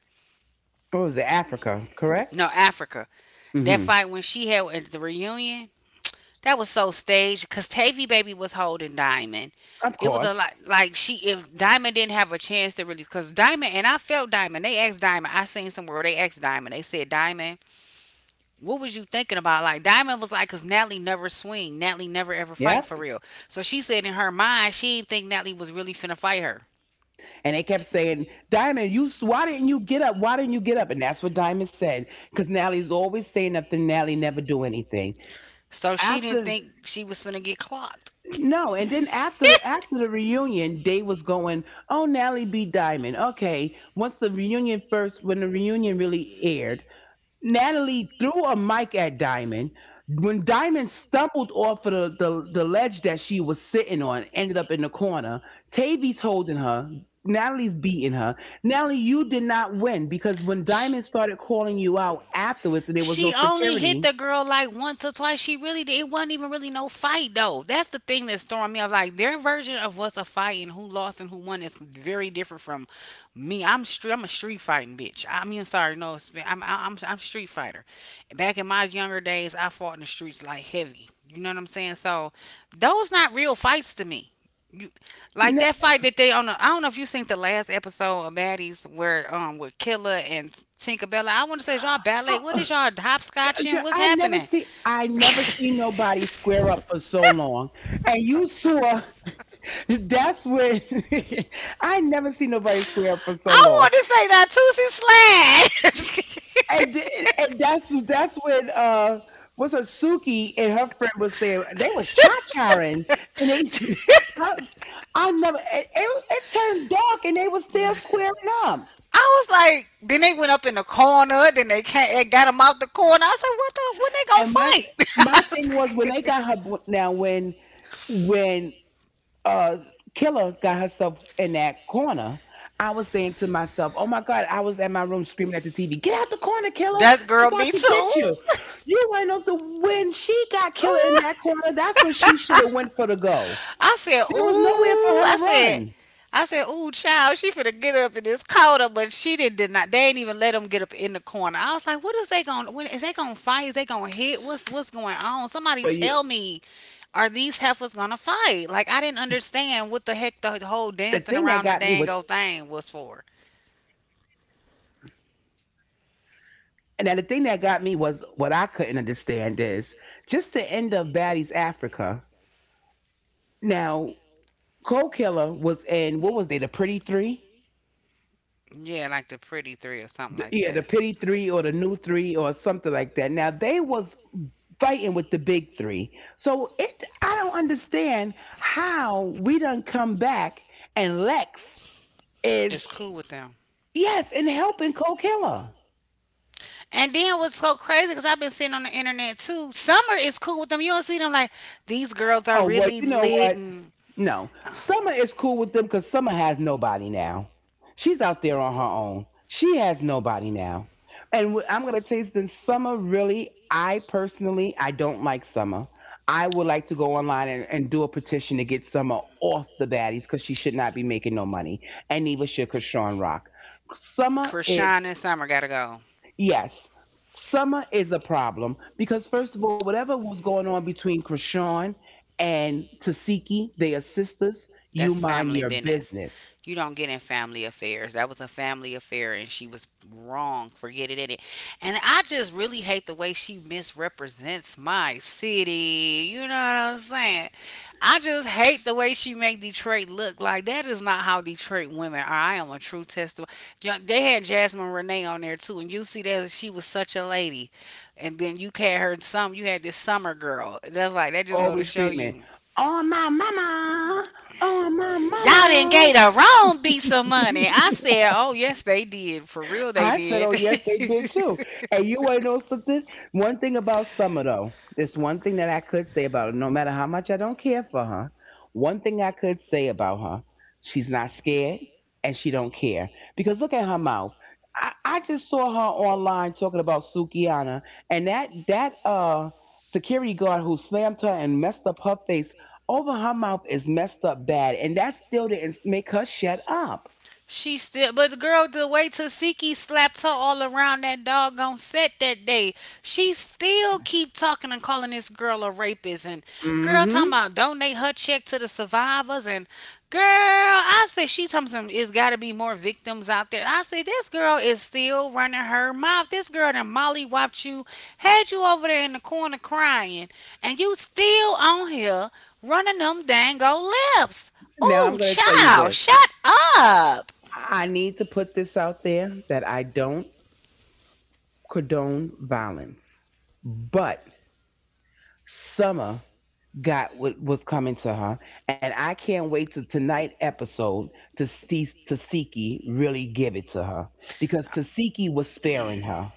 [SPEAKER 2] What was it? Africa, correct?
[SPEAKER 1] No, Africa. That
[SPEAKER 2] Hmm.
[SPEAKER 1] fight when she had at the reunion, that was so staged because Tavy Baby was holding Diamond.
[SPEAKER 2] Of
[SPEAKER 1] It was a
[SPEAKER 2] course.
[SPEAKER 1] lot like she, if Diamond didn't have a chance to really, because Diamond, and I felt Diamond. They asked Diamond. I seen somewhere they asked Diamond. They said Diamond, what was you thinking about? Like Diamond was like, cause Natalie never swing. Natalie never ever
[SPEAKER 2] Yeah.
[SPEAKER 1] fight for real. So she said in her mind she didn't think Natalie was really finna fight her.
[SPEAKER 2] And they kept saying, Diamond, you why didn't you get up? Why didn't you get up? And that's what Diamond said. Because Natalie's always saying nothing. Natalie never do anything.
[SPEAKER 1] So she didn't
[SPEAKER 2] After
[SPEAKER 1] think she was finna get clocked.
[SPEAKER 2] No, And then after the after the reunion, they was going, "Oh, Natalie B. Diamond." Okay, once the reunion first, when the reunion really aired, Natalie threw a mic at Diamond. When Diamond stumbled off of the ledge that she was sitting on, ended up in the corner. Tavy's holding her. Natalie's beating her. Natalie, you did not win because when
[SPEAKER 1] Sh-
[SPEAKER 2] Diamond started calling you out afterwards, and there was no
[SPEAKER 1] She only hit
[SPEAKER 2] security.
[SPEAKER 1] the girl like once or twice. She really did. It wasn't even really no fight though. That's the thing that's throwing me off. Like their version of what's a fight and who lost and who won is very different from me. I'm street. I'm a street fighting bitch. I mean, sorry, no, it's- I'm street fighter. Back in my younger days, I fought in the streets like heavy. You know what I'm saying? So those not real fights to me. You, like
[SPEAKER 2] No.
[SPEAKER 1] that fight that they on. The, I don't know if you seen the last episode of Maddie's where with Killer and Tinkerbella. I want to say is y'all ballet. What is y'all hopscotching?
[SPEAKER 2] Girl,
[SPEAKER 1] What's happening?
[SPEAKER 2] I never see nobody square up for so long. And you saw that's when I never see nobody square up for so
[SPEAKER 1] I
[SPEAKER 2] long.
[SPEAKER 1] want to say that Tootsie
[SPEAKER 2] And th-
[SPEAKER 1] Slash.
[SPEAKER 2] and that's that's when what's her Suki and her friend was saying they was charing and they I, I never it turned dark and they was still squaring up.
[SPEAKER 1] I was like, then they went up in the corner. Then they can't. It got them out the corner. I said, what
[SPEAKER 2] And My
[SPEAKER 1] the?
[SPEAKER 2] thing was
[SPEAKER 1] When
[SPEAKER 2] when they
[SPEAKER 1] they
[SPEAKER 2] got
[SPEAKER 1] gonna
[SPEAKER 2] her
[SPEAKER 1] fight?
[SPEAKER 2] now when uh killer got herself in that corner. I was saying to myself, oh my god. I was at my room screaming at the TV, get out the corner, Killer,
[SPEAKER 1] That's
[SPEAKER 2] she
[SPEAKER 1] girl,
[SPEAKER 2] about
[SPEAKER 1] me
[SPEAKER 2] to
[SPEAKER 1] too.
[SPEAKER 2] get you. You ain't know. So when she got Killer in
[SPEAKER 1] Ooh.
[SPEAKER 2] that corner, that's when she should have went for the goal.
[SPEAKER 1] I said,
[SPEAKER 2] There was nowhere for
[SPEAKER 1] ooh.
[SPEAKER 2] her to run.
[SPEAKER 1] I said, ooh, child, she finna get up in this corner, but she didn't did not. They ain't even let them get up in the corner. I was like, what is they going? When is they gonna fight? Is they gonna hit? What's going on? Somebody
[SPEAKER 2] But you
[SPEAKER 1] tell me, are these heifers gonna
[SPEAKER 2] The thing
[SPEAKER 1] fight?
[SPEAKER 2] that
[SPEAKER 1] Like I
[SPEAKER 2] got
[SPEAKER 1] didn't
[SPEAKER 2] me, which
[SPEAKER 1] understand what the heck the whole dancing around the dang old thing was for.
[SPEAKER 2] and then the thing that got me was what I couldn't understand is just the end of Baddies Africa. Now, Cole Killer was in what was they the Pretty Three?
[SPEAKER 1] Yeah, like the pretty three or something like
[SPEAKER 2] Yeah, the
[SPEAKER 1] that.
[SPEAKER 2] pity three or the new three or something like that. Now they was fighting with the big three, so it I don't understand how we done come back and Lex
[SPEAKER 1] It's
[SPEAKER 2] is
[SPEAKER 1] cool with them.
[SPEAKER 2] yes and helping Cole Killer.
[SPEAKER 1] And then what's so crazy because I've been seeing on the internet too. Summer is cool with them. You don't see them like these girls are
[SPEAKER 2] Oh well,
[SPEAKER 1] really
[SPEAKER 2] you know
[SPEAKER 1] lit
[SPEAKER 2] what?
[SPEAKER 1] and
[SPEAKER 2] No, Summer is cool with them because Summer has nobody now. She's out there on her own. She has nobody now. I'm gonna tell you something. Summer really, I personally, I don't like Summer. I would like to go online and do a petition to get Summer off the baddies because she should not be making no money, and neither should Krishan Rock. Summer is
[SPEAKER 1] Krishan and Summer gotta go.
[SPEAKER 2] Yes. Summer is a problem because, first of all, whatever was going on between Krishan and Tasiki, they are sisters, you
[SPEAKER 1] That's
[SPEAKER 2] mind
[SPEAKER 1] family
[SPEAKER 2] your
[SPEAKER 1] business.
[SPEAKER 2] business.
[SPEAKER 1] You don't get in family affairs. That was a family affair, and she was wrong for getting in it. And I just really hate the way she misrepresents my city. You know what I'm saying? I just hate the way she make Detroit look, like that is not how Detroit women are. I am a true testimony. Ja- They had Jasmine Renee on there too, and you see that she was such a lady. And then you had her some. You had this summer girl. That's like that. Just go to
[SPEAKER 2] Always
[SPEAKER 1] show
[SPEAKER 2] screaming,
[SPEAKER 1] you
[SPEAKER 2] oh, my mama! Oh, my
[SPEAKER 1] y'all didn't gave
[SPEAKER 2] mama!
[SPEAKER 1] the wrong beat some money. I said, oh yes, they did. For real, they
[SPEAKER 2] I said, oh,
[SPEAKER 1] did.
[SPEAKER 2] yes, they did too. And you want to know something? One thing about Summer, though, there's one thing that I could say about her, no matter how much I don't care for her, one thing I could say about her, she's not scared and she don't care. Because look at her mouth. I just saw her online talking about Sukiana, and that security guard who slammed her and messed up her face over her mouth is messed up bad. And that still didn't make her shut up.
[SPEAKER 1] She still, but the girl, the way Tasiki slapped her all around that doggone set that day, she still keep talking and calling this girl a rapist and girl talking
[SPEAKER 2] Hmm.
[SPEAKER 1] about donate her check to the survivors and girl, I said she talking some. It's got to be more victims out there. I said this girl is still running her mouth. This girl that Molly whopped you, had you over there in the corner crying, and you still on here running them dang old lips.
[SPEAKER 2] Now
[SPEAKER 1] Ooh,
[SPEAKER 2] I'm going to tell you
[SPEAKER 1] child,
[SPEAKER 2] this.
[SPEAKER 1] shut up.
[SPEAKER 2] I need to put this out there that I don't condone violence, but Summer got what was coming to her, and I can't wait to tonight episode to see Tasiki really give it to her because Tasiki was sparing her.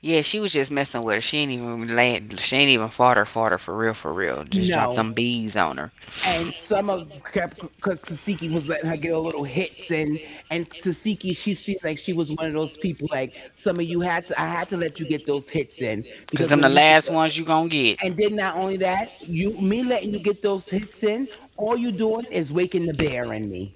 [SPEAKER 1] Yeah, she was just messing with her. She ain't even laid, she ain't even fought her for real, for real. Just dropped
[SPEAKER 2] No.
[SPEAKER 1] them bees on her.
[SPEAKER 2] And Summer kept because Tasiki was letting her get a little hits, and Tasiki she seemed like she was one of those people like Summer you had to I had to let you get those hits in
[SPEAKER 1] Cause
[SPEAKER 2] because
[SPEAKER 1] them the
[SPEAKER 2] when you get
[SPEAKER 1] last
[SPEAKER 2] the.
[SPEAKER 1] ones you gonna get.
[SPEAKER 2] And then not only that, you me letting you get those hits in, all you doing is waking the bear in me.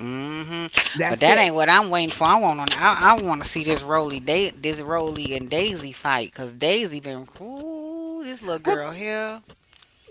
[SPEAKER 1] Hmm. But
[SPEAKER 2] That's
[SPEAKER 1] that
[SPEAKER 2] it.
[SPEAKER 1] ain't what I'm waiting for. I want on. I want to see this Rolly, da- this Rolly and Daisy fight. Cause Daisy been, ooh, this little
[SPEAKER 2] We're
[SPEAKER 1] girl here.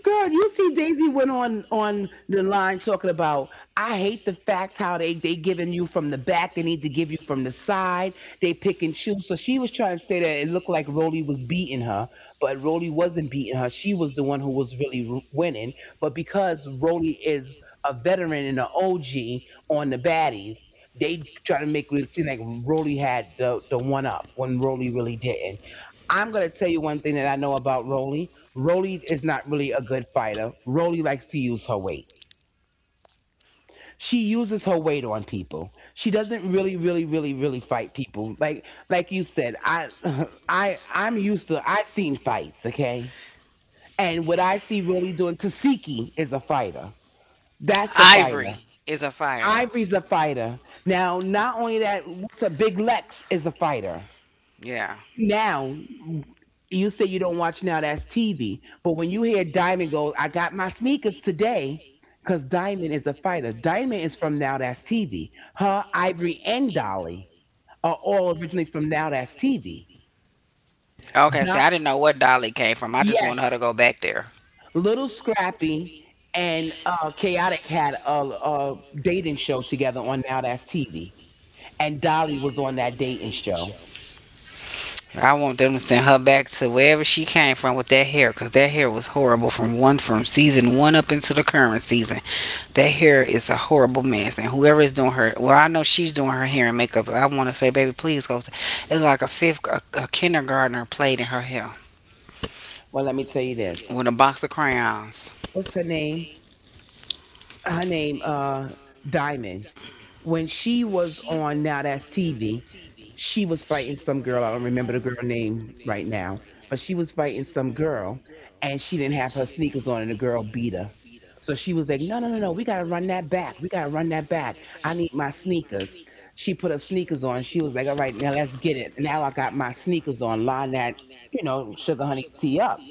[SPEAKER 2] Girl, you see Daisy went on the line talking about I hate the fact how they giving you from the back, they need to give you from the side, they pick and choose. So she was trying to say that it looked like Roly was beating her, but Roly wasn't beating her. She was the one who was really winning. But because Roly is a veteran and an OG on the baddies, they try to make it seem like Roly had the one up when Roly really didn't. I'm gonna tell you one thing that I know about Roly. Rolly is not really a good fighter. Rolly likes to use her weight. She uses her weight on people. She doesn't really, really, really, really fight people. Like you said, I'm used to. I seen fights, okay. And what I see Rolly doing, Tasiki is a fighter. That's a fighter.
[SPEAKER 1] Ivory is a fighter.
[SPEAKER 2] Ivory's a fighter. Now, not only that, what's a Big Lex is a fighter.
[SPEAKER 1] Yeah.
[SPEAKER 2] Now, you say you don't watch Now That's TV. But when you hear Diamond go, I got my sneakers today, because Diamond is a fighter. Diamond is from Now That's TV. Her, Ivory, and Dolly are all originally from Now That's TV.
[SPEAKER 1] Okay. See,
[SPEAKER 2] Do-
[SPEAKER 1] I didn't know what Dolly came from. I just want her
[SPEAKER 2] yes,
[SPEAKER 1] to go back there.
[SPEAKER 2] Little Scrappy and Chaotic had a dating show together on Now That's TV. And Dolly was on that dating show.
[SPEAKER 1] I want them to send her back to wherever she came from with that hair, 'cause that hair was horrible from one from season one up into the current season. That hair is a horrible mess, and whoever is doing her, well, I know she's doing her hair and makeup. I want to say, baby, please go. To, it's like a fifth, a kindergartner played in her hair
[SPEAKER 2] Well, let me tell you this.
[SPEAKER 1] with a box of crayons.
[SPEAKER 2] What's her name? Her name, uh, Diamond. When she was on Now That's TV, she was fighting some girl. I don't remember the girl name right now, but she was fighting some girl, and she didn't have her sneakers on, and the girl beat her. So she was like, "No, no, no, no! We gotta run that back. We gotta run that back. I need my sneakers." She put her sneakers on. She was like, "All right, now let's get it. Now I got my sneakers on. Line that sugar honey tea up."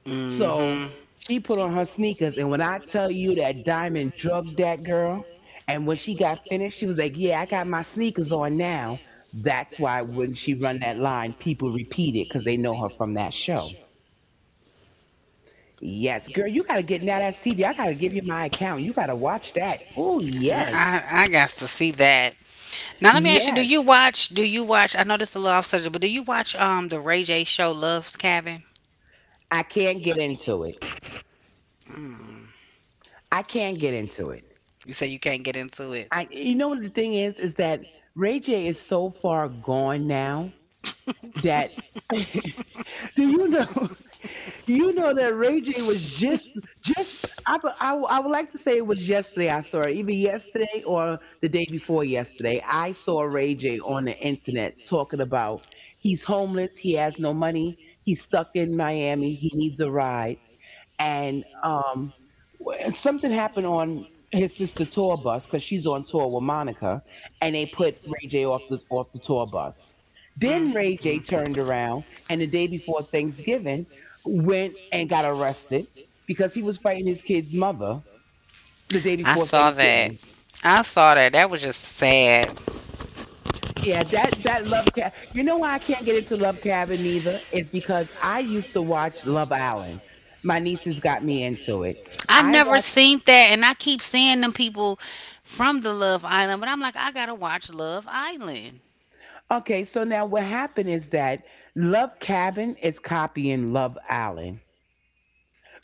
[SPEAKER 1] Mm-hmm.
[SPEAKER 2] So she put on her sneakers, and when I tell you that Diamond drugged that girl, and when she got finished, she was like, "Yeah, I got my sneakers on now." That's why when she run that line, people repeat it because they know her from that show. Yes, girl, you gotta get Now That's TV. I gotta give you my account. You gotta watch that. Oh
[SPEAKER 1] Yeah,
[SPEAKER 2] yes,
[SPEAKER 1] I got to see that. Now let me ask you:
[SPEAKER 2] yes.
[SPEAKER 1] Do you watch? I know this is a little off subject, but do you watch the Ray J show Love's Cabin?
[SPEAKER 2] I can't get into it.
[SPEAKER 1] Mm.
[SPEAKER 2] I can't get into it.
[SPEAKER 1] You say you can't get into it.
[SPEAKER 2] You know what the thing is that Ray J is so far gone now that Do you know? You know that Ray J was just. I, bu- I w- I would like to say it was yesterday. I saw it either yesterday or the day before yesterday. I saw Ray J on the internet talking about he's homeless. He has no money. He's stuck in Miami. He needs a ride, and something happened on his sister tour bus because she's on tour with Monica, and they put Ray J off the tour bus.
[SPEAKER 1] Mm.
[SPEAKER 2] Then Ray J
[SPEAKER 1] Mm.
[SPEAKER 2] turned around, and the day before Thanksgiving, went and got arrested because he was fighting his kid's mother the day
[SPEAKER 1] I
[SPEAKER 2] before
[SPEAKER 1] saw that.
[SPEAKER 2] Thanksgiving.
[SPEAKER 1] I saw that. That was just sad.
[SPEAKER 2] Yeah, that love cab. You know why I can't get into Love Cabin either? It's because I used to watch Love Island. My nieces got me into it.
[SPEAKER 1] I
[SPEAKER 2] I
[SPEAKER 1] never
[SPEAKER 2] watched.
[SPEAKER 1] seen that, and I keep seeing them people from the Love Island, but I'm like, I gotta watch Love Island.
[SPEAKER 2] Okay, so now what happened is that Love Cabin is copying Love Island.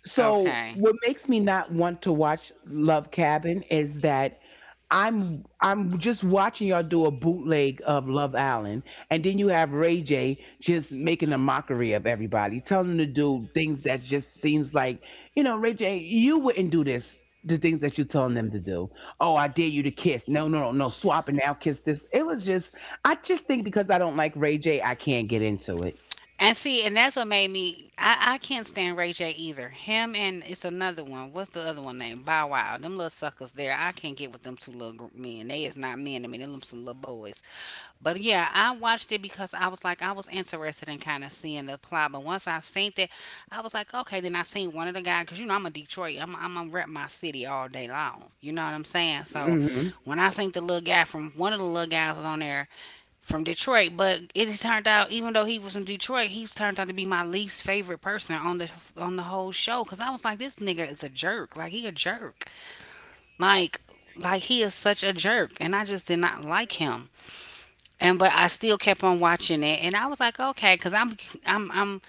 [SPEAKER 2] So
[SPEAKER 1] Okay.
[SPEAKER 2] what makes me not want to watch Love Cabin is that I'm just watching y'all do a bootleg of Love Island, and then you have Ray J just making a mockery of everybody, telling them to do things that just seems like, you know, Ray J, you wouldn't do this. The things that you're telling them to do. Oh, I dare you to kiss. No, no, no, no. Swap and now kiss this. It was just, I just think because I don't like Ray J, I can't get into it.
[SPEAKER 1] And see, and that's what made me. I can't stand Ray J either. Him and it's another one. What's the other one name? Bow Wow. Them little suckers there. I can't get with them two little men. They is not men. I mean, them some little boys. But yeah, I watched it because I was like, I was interested in kind of seeing the plot. But once I seen that, I was like, okay. Then I seen one of the guys because you know I'm a Detroit. I'm gonna rep my city all day long. You know what I'm saying? So
[SPEAKER 2] Mm-hmm.
[SPEAKER 1] when I seen the little guy from one of the little guys was on there from Detroit, but it turned out even though he was from Detroit, he's turned out to be my least favorite person on the whole show cuz I was like this nigga is a jerk. Like he a jerk. Like like he is such a jerk and I just did not like him. And but I still kept on watching it and I was like okay cuz I'm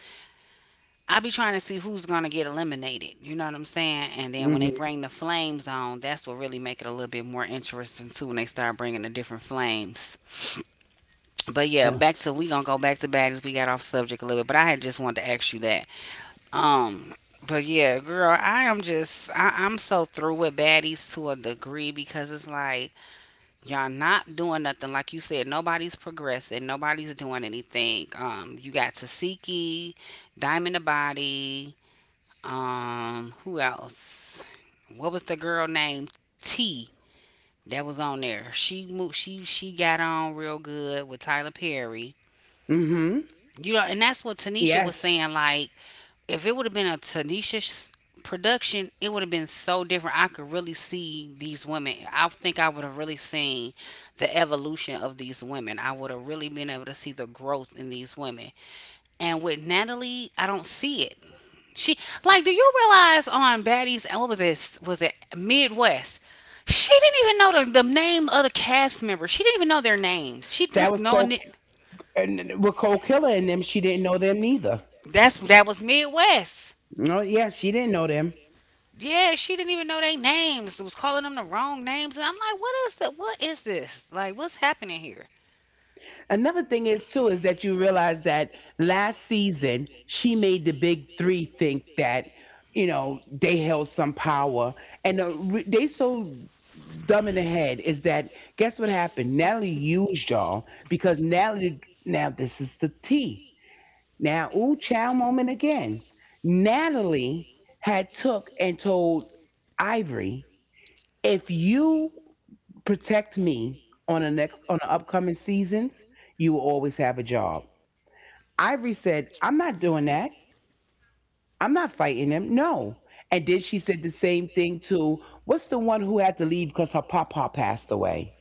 [SPEAKER 1] I be trying to see who's going to get eliminated. You know what I'm saying? And then when they
[SPEAKER 2] Mm-hmm.
[SPEAKER 1] bring the flames on, that's what really make it a little bit more interesting too when they start bringing the different flames. But yeah,
[SPEAKER 2] Uh,
[SPEAKER 1] back to we gonna go back to baddies. We got off subject a little bit, but I had just wanted to ask you that. Um, but yeah, girl, I am just I'm so through with baddies to a degree because it's like y'all not doing nothing. Like you said, nobody's progressing, nobody's doing anything. You got Tasiki, Diamond the Body, who else? What was the girl named T that was on there. She moved. She got on real good with Tyler Perry.
[SPEAKER 2] Mm-hmm.
[SPEAKER 1] You know, and that's what Tanisha was
[SPEAKER 2] Yes,
[SPEAKER 1] saying. Like, if it would have been a Tanisha production, it would have been so different. I could really see these women. I think I would have really seen the evolution of these women. I would have really been able to see the growth in these women. And with Natalie, I don't see it. She like, do you realize on Baddies? And what was it? Was it Midwest? She didn't even know the name of the cast members. She didn't even know their names. She
[SPEAKER 2] that
[SPEAKER 1] took
[SPEAKER 2] was
[SPEAKER 1] knowing
[SPEAKER 2] Cole,
[SPEAKER 1] it.
[SPEAKER 2] and with Cole Killer and them, she didn't know them neither.
[SPEAKER 1] That's that was Midwest.
[SPEAKER 2] No, yeah, she didn't know them.
[SPEAKER 1] Yeah, she didn't even know their names. Was calling them the wrong names. And I'm like, what is that? What is this? Like, what's happening here?
[SPEAKER 2] Another thing is, too, is that you realize that last season she made the big three think that they held some power, and they so dumb in the head is that guess what happened? Natalie used y'all because Natalie, now this is the T, now ooh chow moment again. Natalie had took and told Ivory, if you protect me on the next on the upcoming seasons, you will always have a job. Ivory said, I'm not doing that. I'm not fighting him. No. And then she said the same thing to what's the one who had to leave because her papa passed away?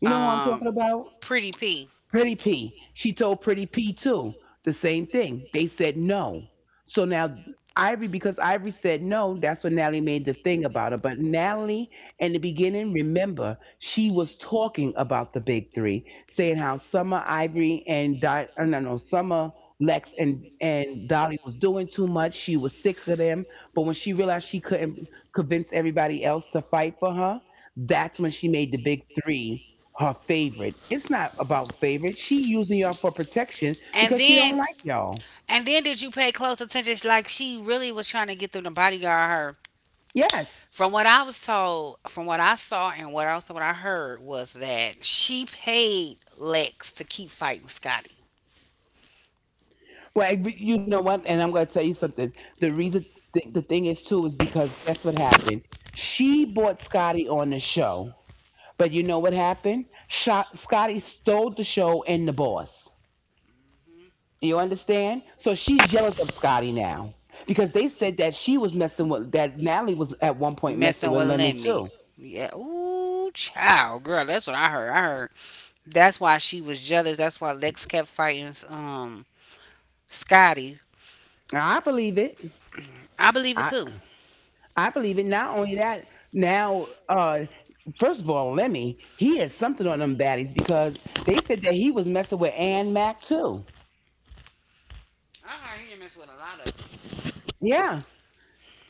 [SPEAKER 2] You know who I'm talking
[SPEAKER 1] Um,
[SPEAKER 2] about?
[SPEAKER 1] Pretty P.
[SPEAKER 2] Pretty P. She told Pretty P, too, the same thing. They said no. So now Ivory, because Ivory said no, that's when Natalie made the thing about it. But Natalie, in the beginning, remember she was talking about the big three, saying how Summer, Ivory, and no, no, Summer, Lex and Dolly was doing too much. She was sick of them. But when she realized she couldn't convince everybody else to fight for her, that's when she made the big three her favorite. It's not about favorite. She using y'all for protection
[SPEAKER 1] And
[SPEAKER 2] because she don't
[SPEAKER 1] then,
[SPEAKER 2] like y'all.
[SPEAKER 1] and then did you pay close attention? Like, she really was trying to get them to bodyguard her.
[SPEAKER 2] Yes.
[SPEAKER 1] From what I was told, from what I saw, and what also what I heard was that she paid Lex to keep fighting Scotty,
[SPEAKER 2] Well, but you know what? And I'm going to tell you something. The reason, the thing is too, is because guess what happened? She bought Scotty on the show, but you know what happened? Scotty stole the show and the boss. You understand? So she's jealous of Scotty now because they said that she was messing with, that Natalie was at one point messing
[SPEAKER 1] messing
[SPEAKER 2] with
[SPEAKER 1] with
[SPEAKER 2] Lemmy
[SPEAKER 1] Lemmy.
[SPEAKER 2] too.
[SPEAKER 1] Yeah, ooh, child, girl, that's what I heard. I heard that's why she was jealous. That's why Lex kept fighting Scotty.
[SPEAKER 2] I believe it.
[SPEAKER 1] I believe it too.
[SPEAKER 2] I believe it. Not only that, now, first of all, Lemmy, he had something on them baddies because they said that he was messing with Ann Mac too.
[SPEAKER 1] I heard he done mess with a lot of.
[SPEAKER 2] Yeah,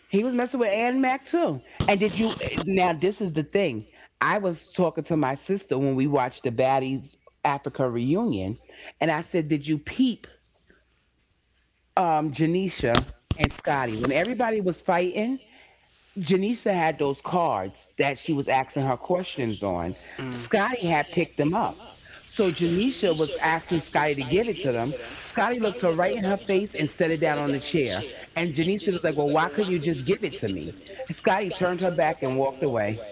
[SPEAKER 2] he was messing with Ann Mac too. And did you, now, this is the thing. I was talking to my sister when we watched the Baddies Africa reunion, and I said, "Did you peep, Janisha and Scotty when everybody was fighting?" Janisa had those cards that she was asking her questions on. Scotty had picked them up. So Janisha was asking Scotty to give it to them. Scotty looked her right in her face and set it down on the chair. And Janisa was like, well, why couldn't you just give it to me? And Scotty turned her back and walked away.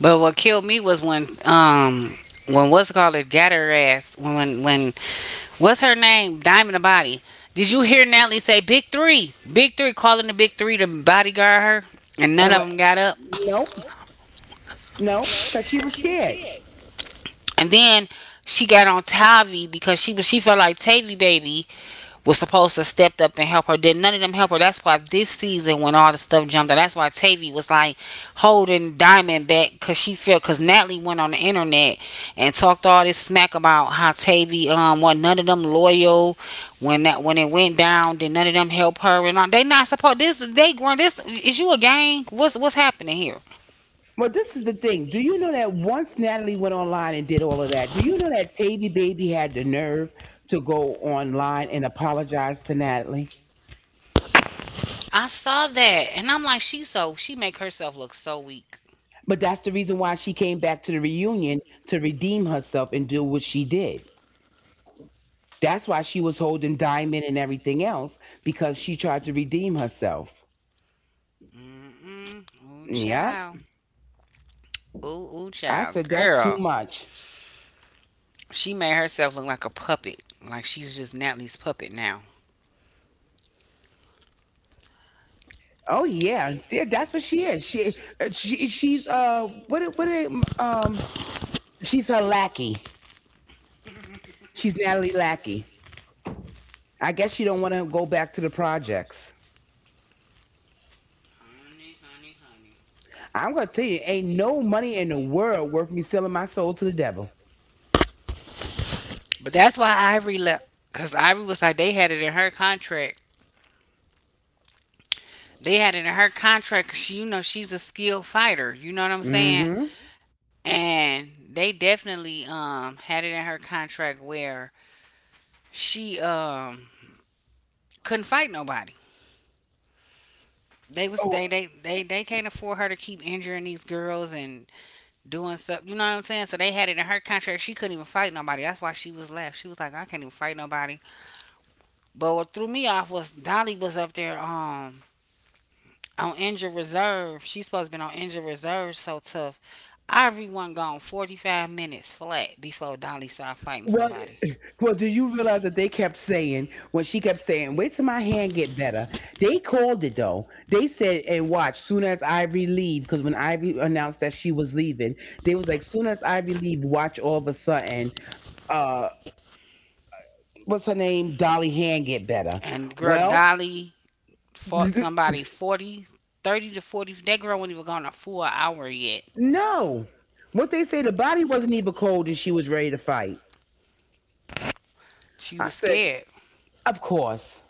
[SPEAKER 1] But what killed me was when what's it called it got her ass when when what's her name Diamond the Body. Did you hear Natalie say Big Three, Big Three, calling the Big Three to bodyguard her, and none
[SPEAKER 2] And went,
[SPEAKER 1] of them got up.
[SPEAKER 2] nope, nope, because she was scared.
[SPEAKER 1] And then she got on Tavi because she felt like Tavi baby was supposed to stepped up and help her. Did none of them help her? That's why this season, when all the stuff jumped out, that's why Tavy was like holding Diamond back because she felt because Natalie went on the internet and talked all this smack about how Tavy was none of them loyal when that when it went down. Did none of them help her and all? They not supposed this. They growing this. Is you a gang? What's happening here?
[SPEAKER 2] Well, this is the thing. Do you know that once Natalie went online and did all of that, do you know that Tavy Baby had the nerve to go online and apologize to Natalie?
[SPEAKER 1] I saw that and I'm like, she so she make herself look so weak.
[SPEAKER 2] But that's the reason why she came back to the reunion, to redeem herself and do what she did. That's why she was holding Diamond and everything else, because she tried to redeem herself.
[SPEAKER 1] Mm mm. Ooh
[SPEAKER 2] Yeah,
[SPEAKER 1] child. Ooh ooh
[SPEAKER 2] I
[SPEAKER 1] child.
[SPEAKER 2] said that's too
[SPEAKER 1] Girl.
[SPEAKER 2] much.
[SPEAKER 1] She made herself look like a puppet. Like she's just Natalie's puppet now.
[SPEAKER 2] Oh yeah, yeah, that's what she is. She's um she's her lackey. She's Natalie Lackey. I guess she don't want to go back to the projects.
[SPEAKER 1] Honey, honey, honey.
[SPEAKER 2] I'm gonna tell you, ain't no money in the world worth me selling my soul to the devil.
[SPEAKER 1] But that's why Ivory left. Because Ivory was like, they had it in her contract. They had it in her contract 'cause she, you know, she's a skilled fighter. You know what I'm saying?
[SPEAKER 2] Mm-hmm.
[SPEAKER 1] And they definitely had it in her contract where she couldn't fight nobody. They was
[SPEAKER 2] Oh,
[SPEAKER 1] they can't afford her to keep injuring these girls and doing stuff. You know what I'm saying? So they had it in her contract. She couldn't even fight nobody. That's why she was left. She was like, I can't even fight nobody. But what threw me off was Dolly was up there on injured reserve. She's supposed to been on injured reserve so tough. Everyone gone 45 minutes flat before Dolly started fighting
[SPEAKER 2] Well,
[SPEAKER 1] somebody.
[SPEAKER 2] well, do you realize that they kept saying, when she kept saying, "Wait till my hand get better." They called it though. They said, "And watch, soon as Ivy leave, because when Ivy announced that she was leaving, they was like, soon as Ivy leave, watch, all of a sudden, uh, what's her name, Dolly hand get better."
[SPEAKER 1] And girl,
[SPEAKER 2] Well,
[SPEAKER 1] Dolly fought somebody 40, 30 to 40. That girl wasn't even gone a full hour yet.
[SPEAKER 2] no, what they say, the body wasn't even cold, and she was ready to fight.
[SPEAKER 1] She
[SPEAKER 2] I
[SPEAKER 1] was
[SPEAKER 2] said,
[SPEAKER 1] scared.
[SPEAKER 2] "Of course."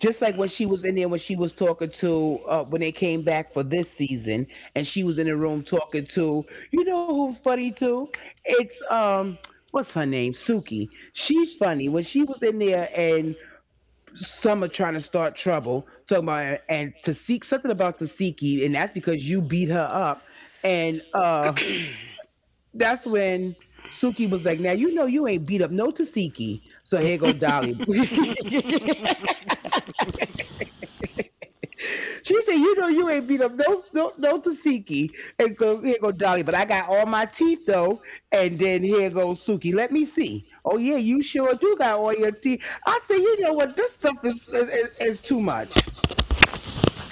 [SPEAKER 2] Just like when she was in there, when she was talking to, when they came back for this season and she was in the room talking to, you know who's funny too, it's what's her name, Suki, she funny. When she was in there, and Summer trying to start trouble, talking about, and to seek something about Tasiki, and that's because you beat her up, and that's when Suki was like, now you know you ain't beat up no Tasiki. So here go Dolly. She said, "You know, you ain't beat up no no no Tasiki." And go here go Dolly, but I got all my teeth though. And then here goes Suki. Let me see. Oh yeah, you sure do got all your teeth. I said, you know what? This stuff is too much.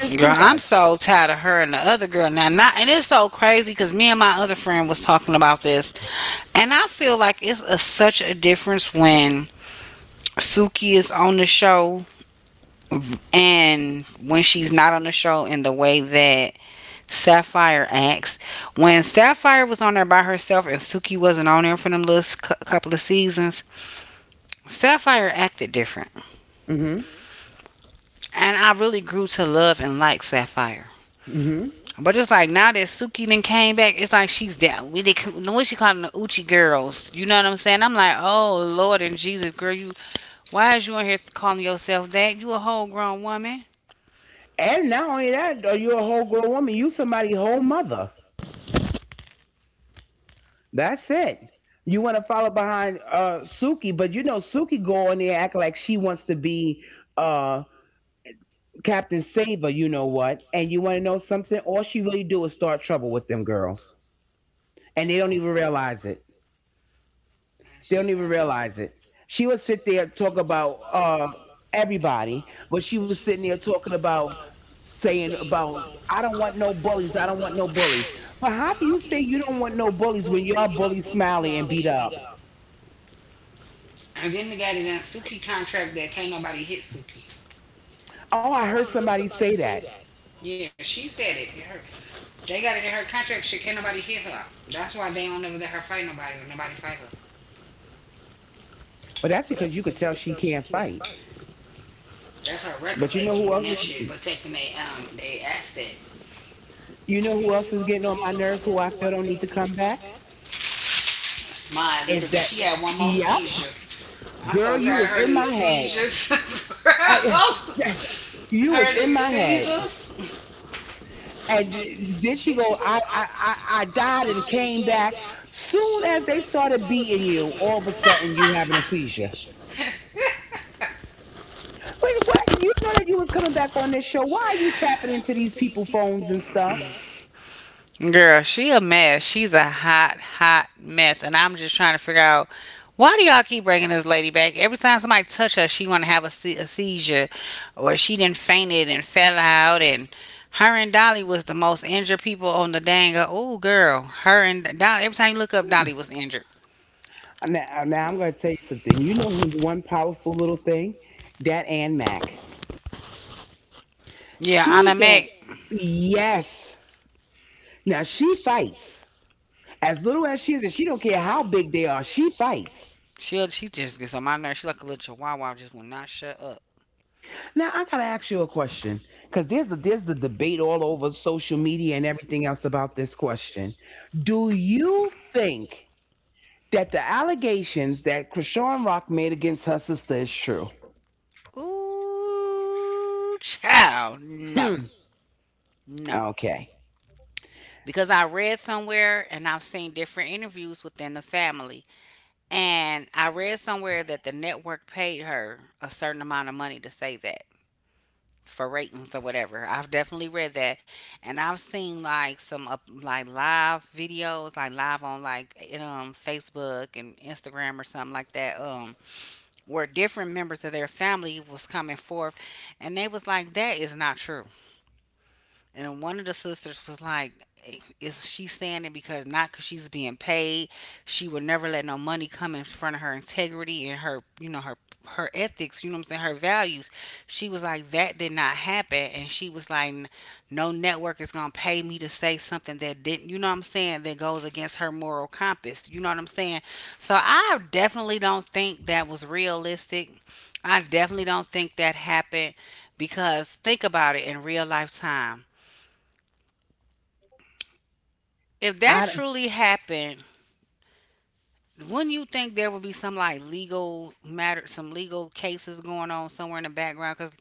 [SPEAKER 2] It's
[SPEAKER 1] Girl,
[SPEAKER 2] too
[SPEAKER 1] I'm
[SPEAKER 2] much.
[SPEAKER 1] so tired of her and the other girl now. Not, and it's so crazy because me and my other friend was talking about this, and I feel like it's such a difference when Suki is on the show and when she's not on the show in the way that Sapphire acts. When Sapphire was on there by herself and Suki wasn't on there for them little couple of seasons, Sapphire acted different,
[SPEAKER 2] Mhm.
[SPEAKER 1] and I really grew to love and like Sapphire.
[SPEAKER 2] Mhm.
[SPEAKER 1] But it's like now that Suki then came back, it's like she's down. We they the way she calling the Uchi girls. You know what I'm saying? I'm like, oh Lord and Jesus, girl, you why is you in here calling yourself that? You a whole grown woman.
[SPEAKER 2] And not only that, are you a whole grown woman? You somebody whole mother. That's it. You want to follow behind, Suki, but you know Suki go on there act like she wants to be, uh." Captain Save her, you know what? And you want to know something? All she really do is start trouble with them girls, and they
[SPEAKER 1] That's all.
[SPEAKER 2] don't even realize it.
[SPEAKER 1] And
[SPEAKER 2] They don't
[SPEAKER 1] she
[SPEAKER 2] even
[SPEAKER 1] got in,
[SPEAKER 2] realize it. She would sit there and talk about, everybody, but she was sitting there talking about, saying about, I don't want no bullies. I don't want no bullies. But how do you say you don't want no bullies when y'all bully Smiley and beat up?
[SPEAKER 1] and then they got in that Suki contract that can't nobody hit Suki.
[SPEAKER 2] Oh, I heard somebody say that,
[SPEAKER 1] Yeah, she said it. Her, they got it in her contract. She can't nobody hit her. That's why they don't never let her fight nobody or nobody fight her.
[SPEAKER 2] but that's because you could tell she can't fight.
[SPEAKER 1] That's her record
[SPEAKER 2] But you
[SPEAKER 1] label
[SPEAKER 2] know who
[SPEAKER 1] doing
[SPEAKER 2] else
[SPEAKER 1] that
[SPEAKER 2] is?
[SPEAKER 1] shit, protecting they asset.
[SPEAKER 2] You know who else is getting on my nerve, who I feel don't need to come back?
[SPEAKER 1] Smiley, because
[SPEAKER 2] Is
[SPEAKER 1] if
[SPEAKER 2] that,
[SPEAKER 1] she had one more
[SPEAKER 2] yep,
[SPEAKER 1] seizure, I'm so
[SPEAKER 2] girl?
[SPEAKER 1] tired of
[SPEAKER 2] You was
[SPEAKER 1] her and
[SPEAKER 2] in
[SPEAKER 1] these
[SPEAKER 2] my head.
[SPEAKER 1] seizures. Girl,
[SPEAKER 2] I,
[SPEAKER 1] her
[SPEAKER 2] you was
[SPEAKER 1] and
[SPEAKER 2] in
[SPEAKER 1] these
[SPEAKER 2] my head.
[SPEAKER 1] seizures.
[SPEAKER 2] And then she go, I died and came back. Soon as they started beating you, all of a sudden you having a seizure. Wait, what? You know that you was coming back on this show. Why are you tapping into these people phones and stuff?
[SPEAKER 1] Girl, she a mess. She's a hot, hot mess, and I'm just trying to figure out why do y'all keep bringing this lady back? Every time somebody touch her, she want to have a, a seizure, or she done fainted and fell out, and her and Dolly was the most injured people on the dang. Oh, girl, her and Dolly. Every time you look up, Dolly was injured.
[SPEAKER 2] And now I'm going to tell you something. You know who's one powerful little thing? That Ann Mac.
[SPEAKER 1] Yeah,
[SPEAKER 2] She
[SPEAKER 1] Anna
[SPEAKER 2] don't.
[SPEAKER 1] Mac.
[SPEAKER 2] Yes. Now she fights. As little as she is, and she don't care how big they are. She fights.
[SPEAKER 1] She just gets on my nerves. She like a little chihuahua, just will not shut up.
[SPEAKER 2] Now I gotta ask you a question, because there's the debate all over social media and everything else about this question. Do you think that the allegations that Krishan Rock made against her sister is true?
[SPEAKER 1] Ooh, child, no,
[SPEAKER 2] Hmm.
[SPEAKER 1] no.
[SPEAKER 2] Okay.
[SPEAKER 1] Because I read somewhere and I've seen different interviews within the family, and I read somewhere that the network paid her a certain amount of money to say that for ratings or whatever. I've definitely read that, and I've seen like some up like live videos, like live on like Facebook and Instagram or something like that. Where different members of their family was coming forth and they was like that is not true and one of the sisters was like is she saying it because not because she's being paid she would never let no money come in front of her integrity and her you know her her ethics you know what I'm saying her values she was like that did not happen and she was like "N- no network is gonna pay me to say something that didn't you know what I'm saying that goes against her moral compass you know what I'm saying so I definitely don't think that was realistic I definitely don't think that happened because think about it in real life time. If that
[SPEAKER 2] I
[SPEAKER 1] truly happened, wouldn't you think there would be some like legal matter, some legal cases going on somewhere in the background? Because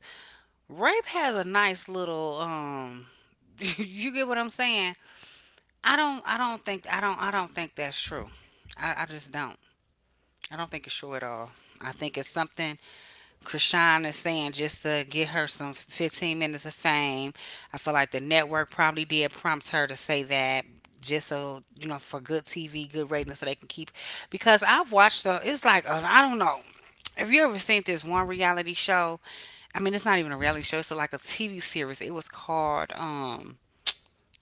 [SPEAKER 1] rape has a nice little You get what I'm saying? I don't think that's true. I just don't. I don't think it's true at all. I think it's something Krishan is saying just to get her some 15 minutes of fame. I feel like the network probably did prompt her to say that just so you know for good TV, good ratings, so they can keep. Because I've watched the, it's like I don't know. Have you ever seen this one reality show? I mean, it's not even a reality show. It's like a TV series. It was called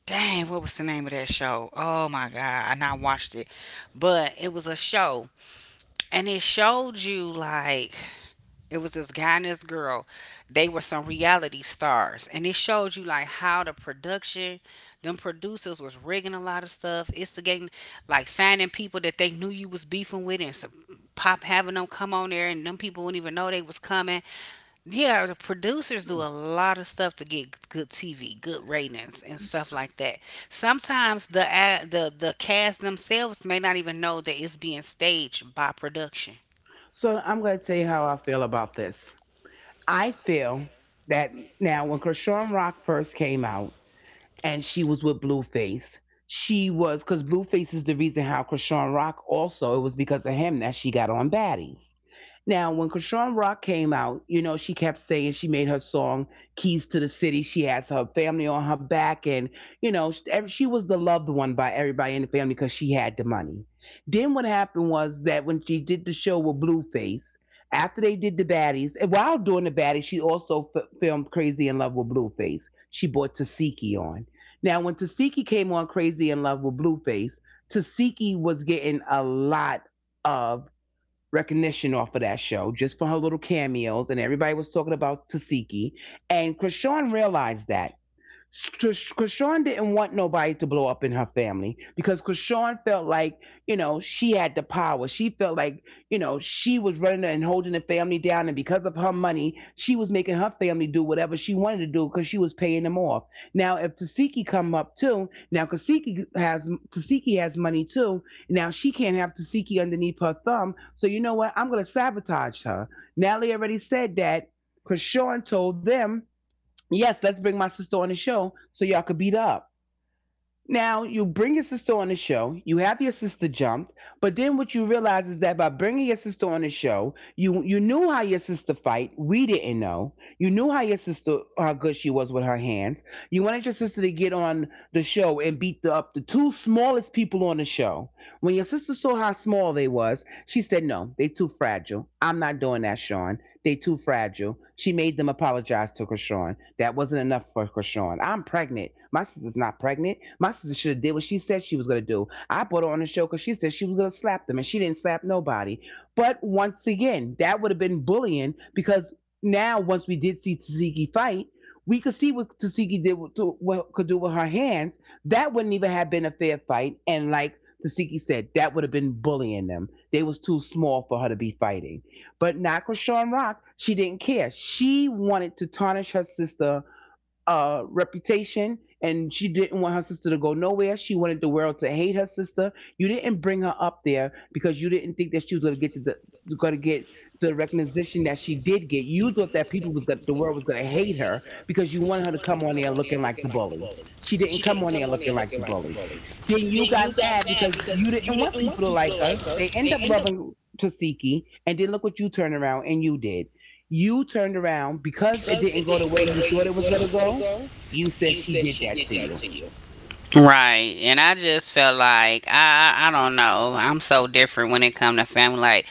[SPEAKER 1] Dang, what was the name of that show? Oh my god, I not watched it, but it was a show, and it showed you like it was this guy and this girl. They were some reality stars. And it showed you like how the production, them producers was rigging a lot of stuff, instigating, like finding people that they knew you was beefing with and some pop having them come on there and them people wouldn't even know they was coming. Yeah, the producers do a lot of stuff to get good TV, good ratings and stuff
[SPEAKER 2] don't.
[SPEAKER 1] like that. Sometimes the cast themselves may not even know that it's being staged by production.
[SPEAKER 2] So I'm going to tell you how I feel about this. I feel that now when Krishan Rock first came out and she was with Blueface, she was because Blueface is the reason how Krishan Rock also it was because of him that she got on Baddies. Now, when Krishan Rock came out, you know, she kept saying she made her song Keys to the City. She has her family on her back, and, you know, she was the loved one by everybody in the family because she had the money. Then what happened was that when she did the show with Blueface, after they did the baddies, and while doing the baddies, she also filmed Crazy in Love with Blueface. She brought Tasiki on. Now, when Tasiki came on Crazy in Love with Blueface, Tasiki was getting a lot of recognition off of that show just for her little cameos, and everybody was talking about Tasiki. And Krishan realized that. Krishan didn't want nobody to blow up in her family because Krishan felt like, you know, she had the power. She felt like, you know, she was running and holding the family down. And because of her money, she was making her family do whatever she wanted to do because she was paying them off. Now, if Tasiki come up too, now Kasiki has, Tasiki has money too. Now she can't have Tasiki underneath her thumb. So you know what? I'm going to sabotage her. Natalie already said that. Krishan told them, yes, let's bring my sister on the show so y'all could beat her up. Now, you bring your sister on the show, you have your sister jumped, but then what you realize is that by bringing your sister on the show, you knew how your sister fight. We didn't know. You knew how your sister how good she was with her hands. You wanted your sister to get on the show and beat up the two smallest people on the show. When your sister saw how small they was, she said, "No, they too fragile. I'm not doing that, Sean." They too fragile. She made them apologize to Krishan. That wasn't enough for Krishan. I'm pregnant. My sister's not pregnant. My sister should have did what she said she was gonna do. I put her on the show because she said she was gonna slap them, and she didn't slap nobody. But once again, that would have been bullying because now once we did see Taziki fight, we could see what Tasiki did what could do with her hands. That wouldn't even have been a fair fight. And like Tasiki said, that would have been bullying them. They was too small for her to be fighting. But not Krishan Rock. She didn't care. She wanted to tarnish her sister reputation, and she didn't want her sister to go nowhere. She wanted the world to hate her sister. You didn't bring her up there because you didn't think that she was going to get the going to get the recognition that she did get. You thought that people was going the world was going to hate her because you wanted her to come on there looking like the bully. She didn't come on there looking like the bully. Then you got mad because you didn't want people to like her. They end up loving Tasiki, and then look what you turn around and you did. You turned around because it didn't go the way you thought it was going to go. You said she did that to you.
[SPEAKER 1] Right. And I just felt like I don't know. I'm so different when it come to family. Like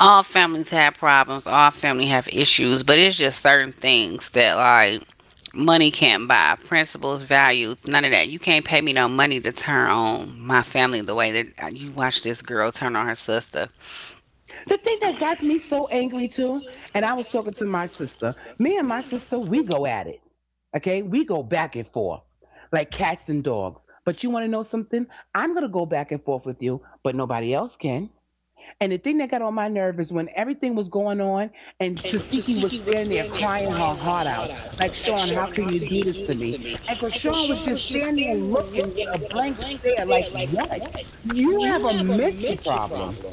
[SPEAKER 1] all families have problems, all family have issues, but it's just certain things that like money can't buy, principles, values, none of that. You can't pay me no money to turn on my family the way that you watch this girl turn on her sister.
[SPEAKER 2] The thing that got me so angry too, and I was talking to my sister. Me and my sister, we go at it. Okay? We go back and forth like cats and dogs. But you want to know something? I'm going to go back and forth with you, but nobody else can. And the thing that got on my nerve is when everything was going on and Tasiki was standing there crying her heart out, like, Sean, how can you do this to me? And because Sean was just standing there looking with a blank stare, like, what? You have a mental problem.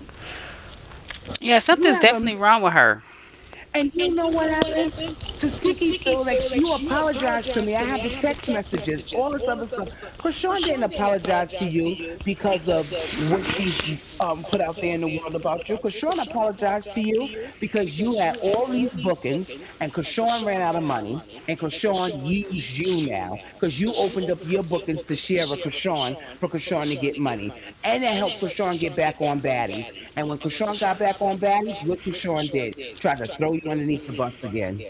[SPEAKER 1] Yeah,
[SPEAKER 2] You
[SPEAKER 1] something's
[SPEAKER 2] have a,
[SPEAKER 1] definitely wrong with her.
[SPEAKER 2] and you know what happened? Tasiki feel like you apologized to me. I have the text messages, all this other stuff. Krishan didn't apologize to you because of what she's put out there in the world about you. Krishan apologized to you because you had all these bookings and Krishan ran out of money and Krishan used you now because you opened up your bookings to share with Krishan for Krishan to get money. And that helped Krishan get back on baddies. And when Krishan got back on baddies, what Krishan did, tried to throw you underneath the bus again.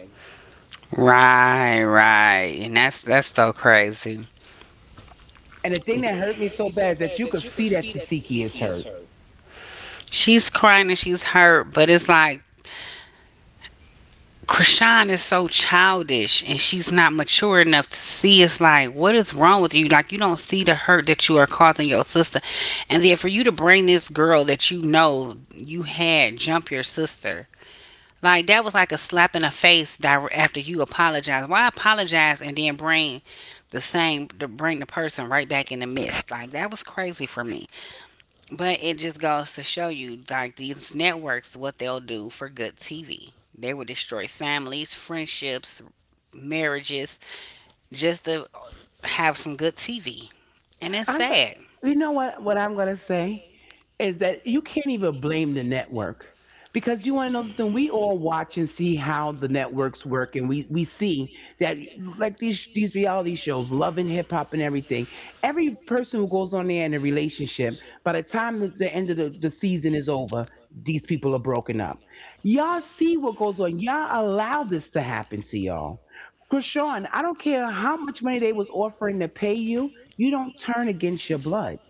[SPEAKER 1] Right, right. And that's so crazy.
[SPEAKER 2] And the thing that hurt me so bad is that you could see that Tasiki is hurt.
[SPEAKER 1] She's crying and she's hurt, but it's like Krishan is so childish and she's not mature enough to see it's like, what is wrong with you? Like, you don't see the hurt that you are causing your sister. And then for you to bring this girl that you know you had jump your sister, like, that was like a slap in the face after you apologize. Why apologize and then bring to bring the person right back in the midst? Like, that was crazy for me. But it just goes to show you, like these networks, what they'll do for good TV. They will destroy families, friendships, marriages, just to have some good TV. And it's
[SPEAKER 2] I'm going.
[SPEAKER 1] sad.
[SPEAKER 2] You know what? What I'm going to say is that you can't even blame the network because you want to know something. We all watch and see how the networks work, and we see that like these reality shows, Love and Hip Hop and everything. Every person who goes on there in a relationship, by the time the end of the season is over, these people are broken up. Y'all see what goes on. Y'all allow this to happen to y'all. Krishan, I don't care how much money they was offering to pay you, you don't turn against your blood.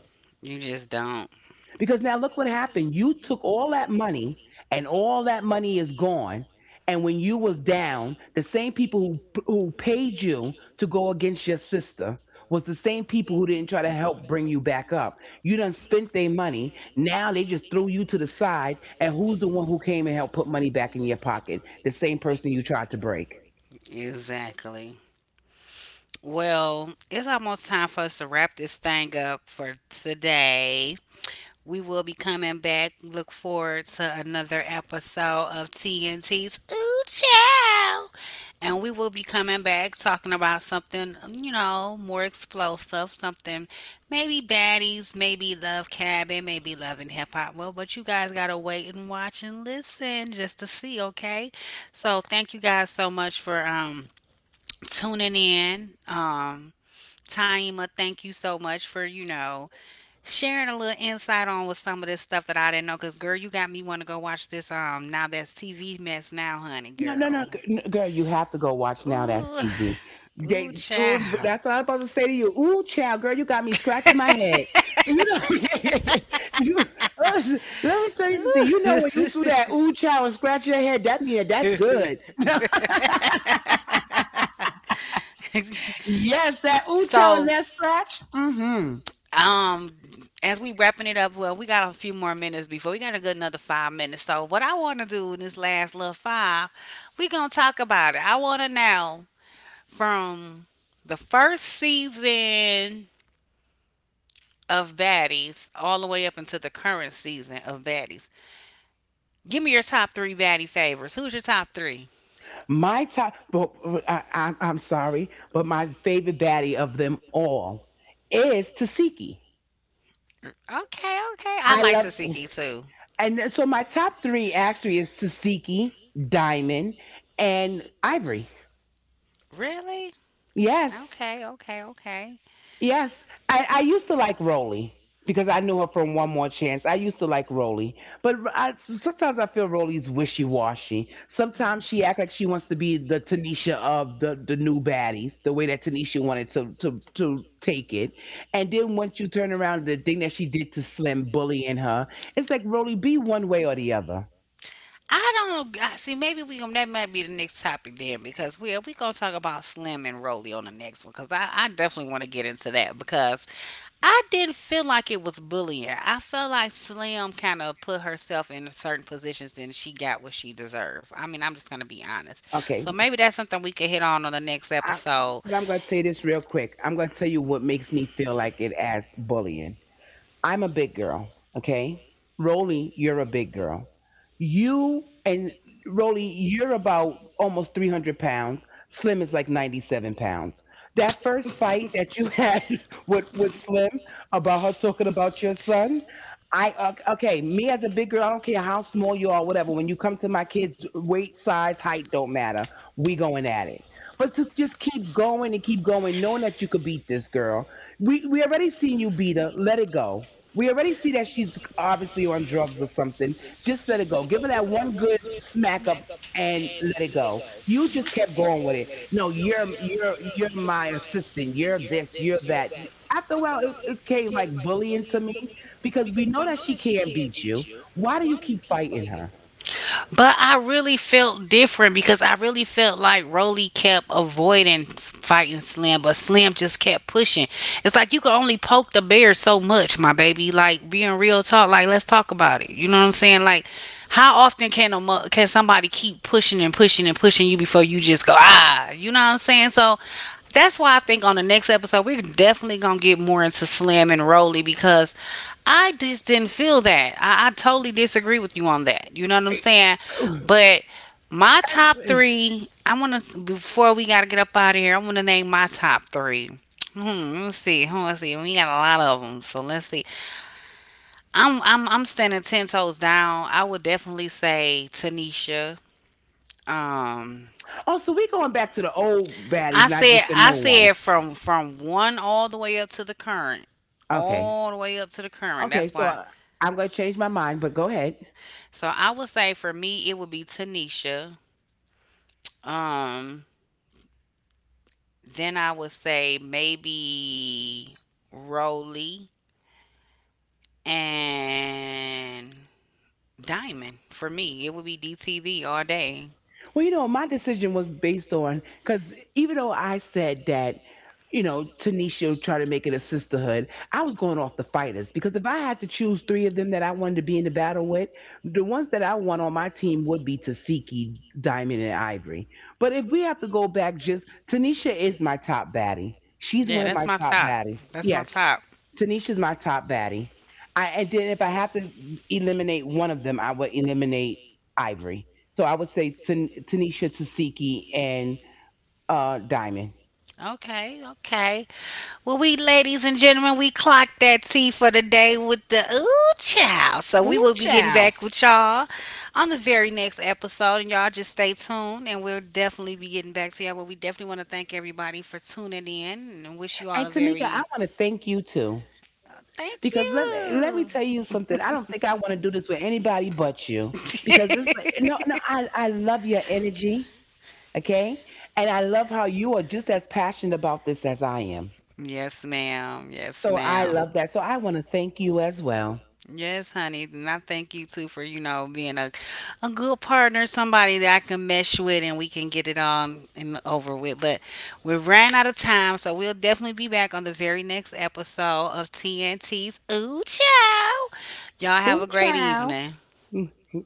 [SPEAKER 1] You just don't.
[SPEAKER 2] Because now look what happened. You took all that money and all that money is gone. And when you was down, the same people who paid you to go against your sister was the same people who didn't try to help bring you back up. You done spent their money. Now they just threw you to the side. And who's the one who came and helped put money back in your pocket? The same person you tried to break.
[SPEAKER 1] Exactly. Well, it's almost time for us to wrap this thing up for today. We will be coming back. Look forward to another episode of TNT's Ooh Chow. And we will be coming back talking about something, you know, more explosive, something maybe baddies, maybe love cabin, maybe love and hip hop. Well, but you guys gotta wait and watch and listen just to see, okay? So thank you guys so much for tuning in. Taima, thank you so much for, you know, sharing a little insight on with some of this stuff that I didn't know. Cause girl, you got me want to go watch this. Now that's TV mess now, honey,
[SPEAKER 2] No, no, no,
[SPEAKER 1] girl.
[SPEAKER 2] girl, you have to go watch now. That's
[SPEAKER 1] Ooh,
[SPEAKER 2] TV. They
[SPEAKER 1] ooh,
[SPEAKER 2] go.
[SPEAKER 1] child.
[SPEAKER 2] That's what I'm supposed to say to you. Ooh, child, girl, you got me scratching my head. You know, you let me tell you something. You know when you do
[SPEAKER 1] Ooh.
[SPEAKER 2] that, ooh, child, and scratch your head. That yeah, that's good. Yes, that ooh, child, and
[SPEAKER 1] So,
[SPEAKER 2] that scratch. Mm-hmm.
[SPEAKER 1] um, as we wrapping it up, well, we got a few more minutes before we got a good another five minutes. So, what I want to do in this last little five, we gonna talk about it. I want to know from the first season of baddies all the way up into the current season of baddies. Give me your top three baddie favors. Who's your top three?
[SPEAKER 2] My top. But I'm sorry, but my favorite baddie of them all is Tasiki.
[SPEAKER 1] Okay, okay. I
[SPEAKER 2] I
[SPEAKER 1] like
[SPEAKER 2] love.
[SPEAKER 1] Tasiki too.
[SPEAKER 2] And then- so my top 3 actually is Tasiki, Diamond, and Ivory.
[SPEAKER 1] Really?
[SPEAKER 2] Yes,
[SPEAKER 1] Okay, okay, okay.
[SPEAKER 2] yes. I used to like Rolly because I knew her from One More Chance. I used to like Rolly, but I, sometimes I feel Rolly's wishy washy. Sometimes she acts like she wants to be the Tanisha of the new baddies, the way that Tanisha wanted to, to take it. And then once you turn around, the thing that she did to Slim bullying her, it's like Rolly, be one way or the other.
[SPEAKER 1] I don't know. I- See, maybe we gonna that might be the next topic then because we gonna talk about Slim and Rolly on the next one because I definitely want to get into that because I didn't feel like it was bullying. I felt like Slim kind of put herself in certain positions and she got what she deserved. I mean, I'm just gonna be honest. So
[SPEAKER 2] Okay,
[SPEAKER 1] maybe that's something we could hit on the next
[SPEAKER 2] I,
[SPEAKER 1] episode.
[SPEAKER 2] but I'm going to tell you this real quick. I'm going to tell you what makes me feel like it as bullying. I'm a big girl, okay? Rolly, you're a big girl. You and Rolly, you're about almost 300 pounds. Slim is like 97 pounds. That first fight that you had with Slim about her talking about your son, okay, me as a big girl, I don't care how small you are, whatever. When you come to my kids, weight, size, height don't matter. We going at it. But to just keep going and keep going, knowing that you could beat this girl, we already seen you beat her. Let it go. We already see that she's obviously on drugs or something. Just let it go. Give her that one good smack up and let it go. You just kept going with it. No, you're you're my assistant. You're this. You're that. After a while, it came like bullying to me because we know that she can't beat you. Why do you keep fighting her?
[SPEAKER 1] But I really felt different because I really felt like Roly kept avoiding fighting Slim, but Slim just kept pushing. It's like you can only poke the bear so much, my baby. Like being real talk, like let's talk about it. You know what I'm saying? Like how often can a can somebody keep pushing and pushing and pushing you before you just go ah? You know what I'm saying? So that's why I think on the next episode we're definitely gonna get more into Slim and Roly because I just didn't feel that. I totally disagree with you on that. You know what I'm saying? But my top three, I want to, before we got to get up out of here, I want to name my top three. Hmm, let's see. Hmm, let's see. We got a lot of them, so let's see. I'm standing 10 toes down. I would definitely say Tanisha. Um,
[SPEAKER 2] Oh, so we going back to the old baddies,
[SPEAKER 1] I
[SPEAKER 2] not
[SPEAKER 1] said
[SPEAKER 2] just the
[SPEAKER 1] I
[SPEAKER 2] new ones.
[SPEAKER 1] said from one all the way up to the current,
[SPEAKER 2] Okay,
[SPEAKER 1] all the way up to the current.
[SPEAKER 2] okay.
[SPEAKER 1] That's why.
[SPEAKER 2] I'm gonna change my mind, but go ahead.
[SPEAKER 1] So I would say for me it would be Tanisha. Um, then I would say maybe Rolly and Diamond for me. It would be DTV all day.
[SPEAKER 2] Well, you know, my decision was based on because even though I said that, you know, Tanisha tried to make it a sisterhood, I was going off the fighters because if I had to choose 3 of them that I wanted to be in the battle with, the ones that I want on my team would be Tasiki, Diamond, and Ivory. But if we have to go back, just Tanisha is my top baddie. She's
[SPEAKER 1] Yeah,
[SPEAKER 2] one of
[SPEAKER 1] that's
[SPEAKER 2] my
[SPEAKER 1] my
[SPEAKER 2] top
[SPEAKER 1] top.
[SPEAKER 2] baddies.
[SPEAKER 1] That's my
[SPEAKER 2] Yes,
[SPEAKER 1] top.
[SPEAKER 2] Tanisha's my top baddie. I and then if I have to eliminate one of them, I would eliminate Ivory. So I would say Tanisha, Tasiki, and Diamond.
[SPEAKER 1] Okay, okay. Well, we ladies and gentlemen, we clocked that tea for the day with the ooh child. So we
[SPEAKER 2] Ooh,
[SPEAKER 1] will be getting
[SPEAKER 2] child.
[SPEAKER 1] back with y'all on the very next episode, and y'all just stay tuned, and we'll definitely be getting back to y'all. But we definitely want to thank everybody for tuning in, and wish you all
[SPEAKER 2] And
[SPEAKER 1] a
[SPEAKER 2] Tamika, I
[SPEAKER 1] very
[SPEAKER 2] want to thank you too.
[SPEAKER 1] thank
[SPEAKER 2] Because let me
[SPEAKER 1] you.
[SPEAKER 2] tell you something. I don't think I want to do this with anybody but you. Because it's like no no I love your energy. Okay? And I love how you are just as passionate about this as I am.
[SPEAKER 1] Yes, ma'am. Yes,
[SPEAKER 2] So I
[SPEAKER 1] ma'am.
[SPEAKER 2] love that. So I want to thank you as well.
[SPEAKER 1] Yes, honey, and I thank you too for you know being a good partner, somebody that I can mesh with, and we can get it on and over with. But we ran out of time, so we'll definitely be back on the very next episode of TNT's Ooh Chow. Y'all have
[SPEAKER 2] Cũng
[SPEAKER 1] a great
[SPEAKER 2] chào.
[SPEAKER 1] evening.
[SPEAKER 2] Ừm.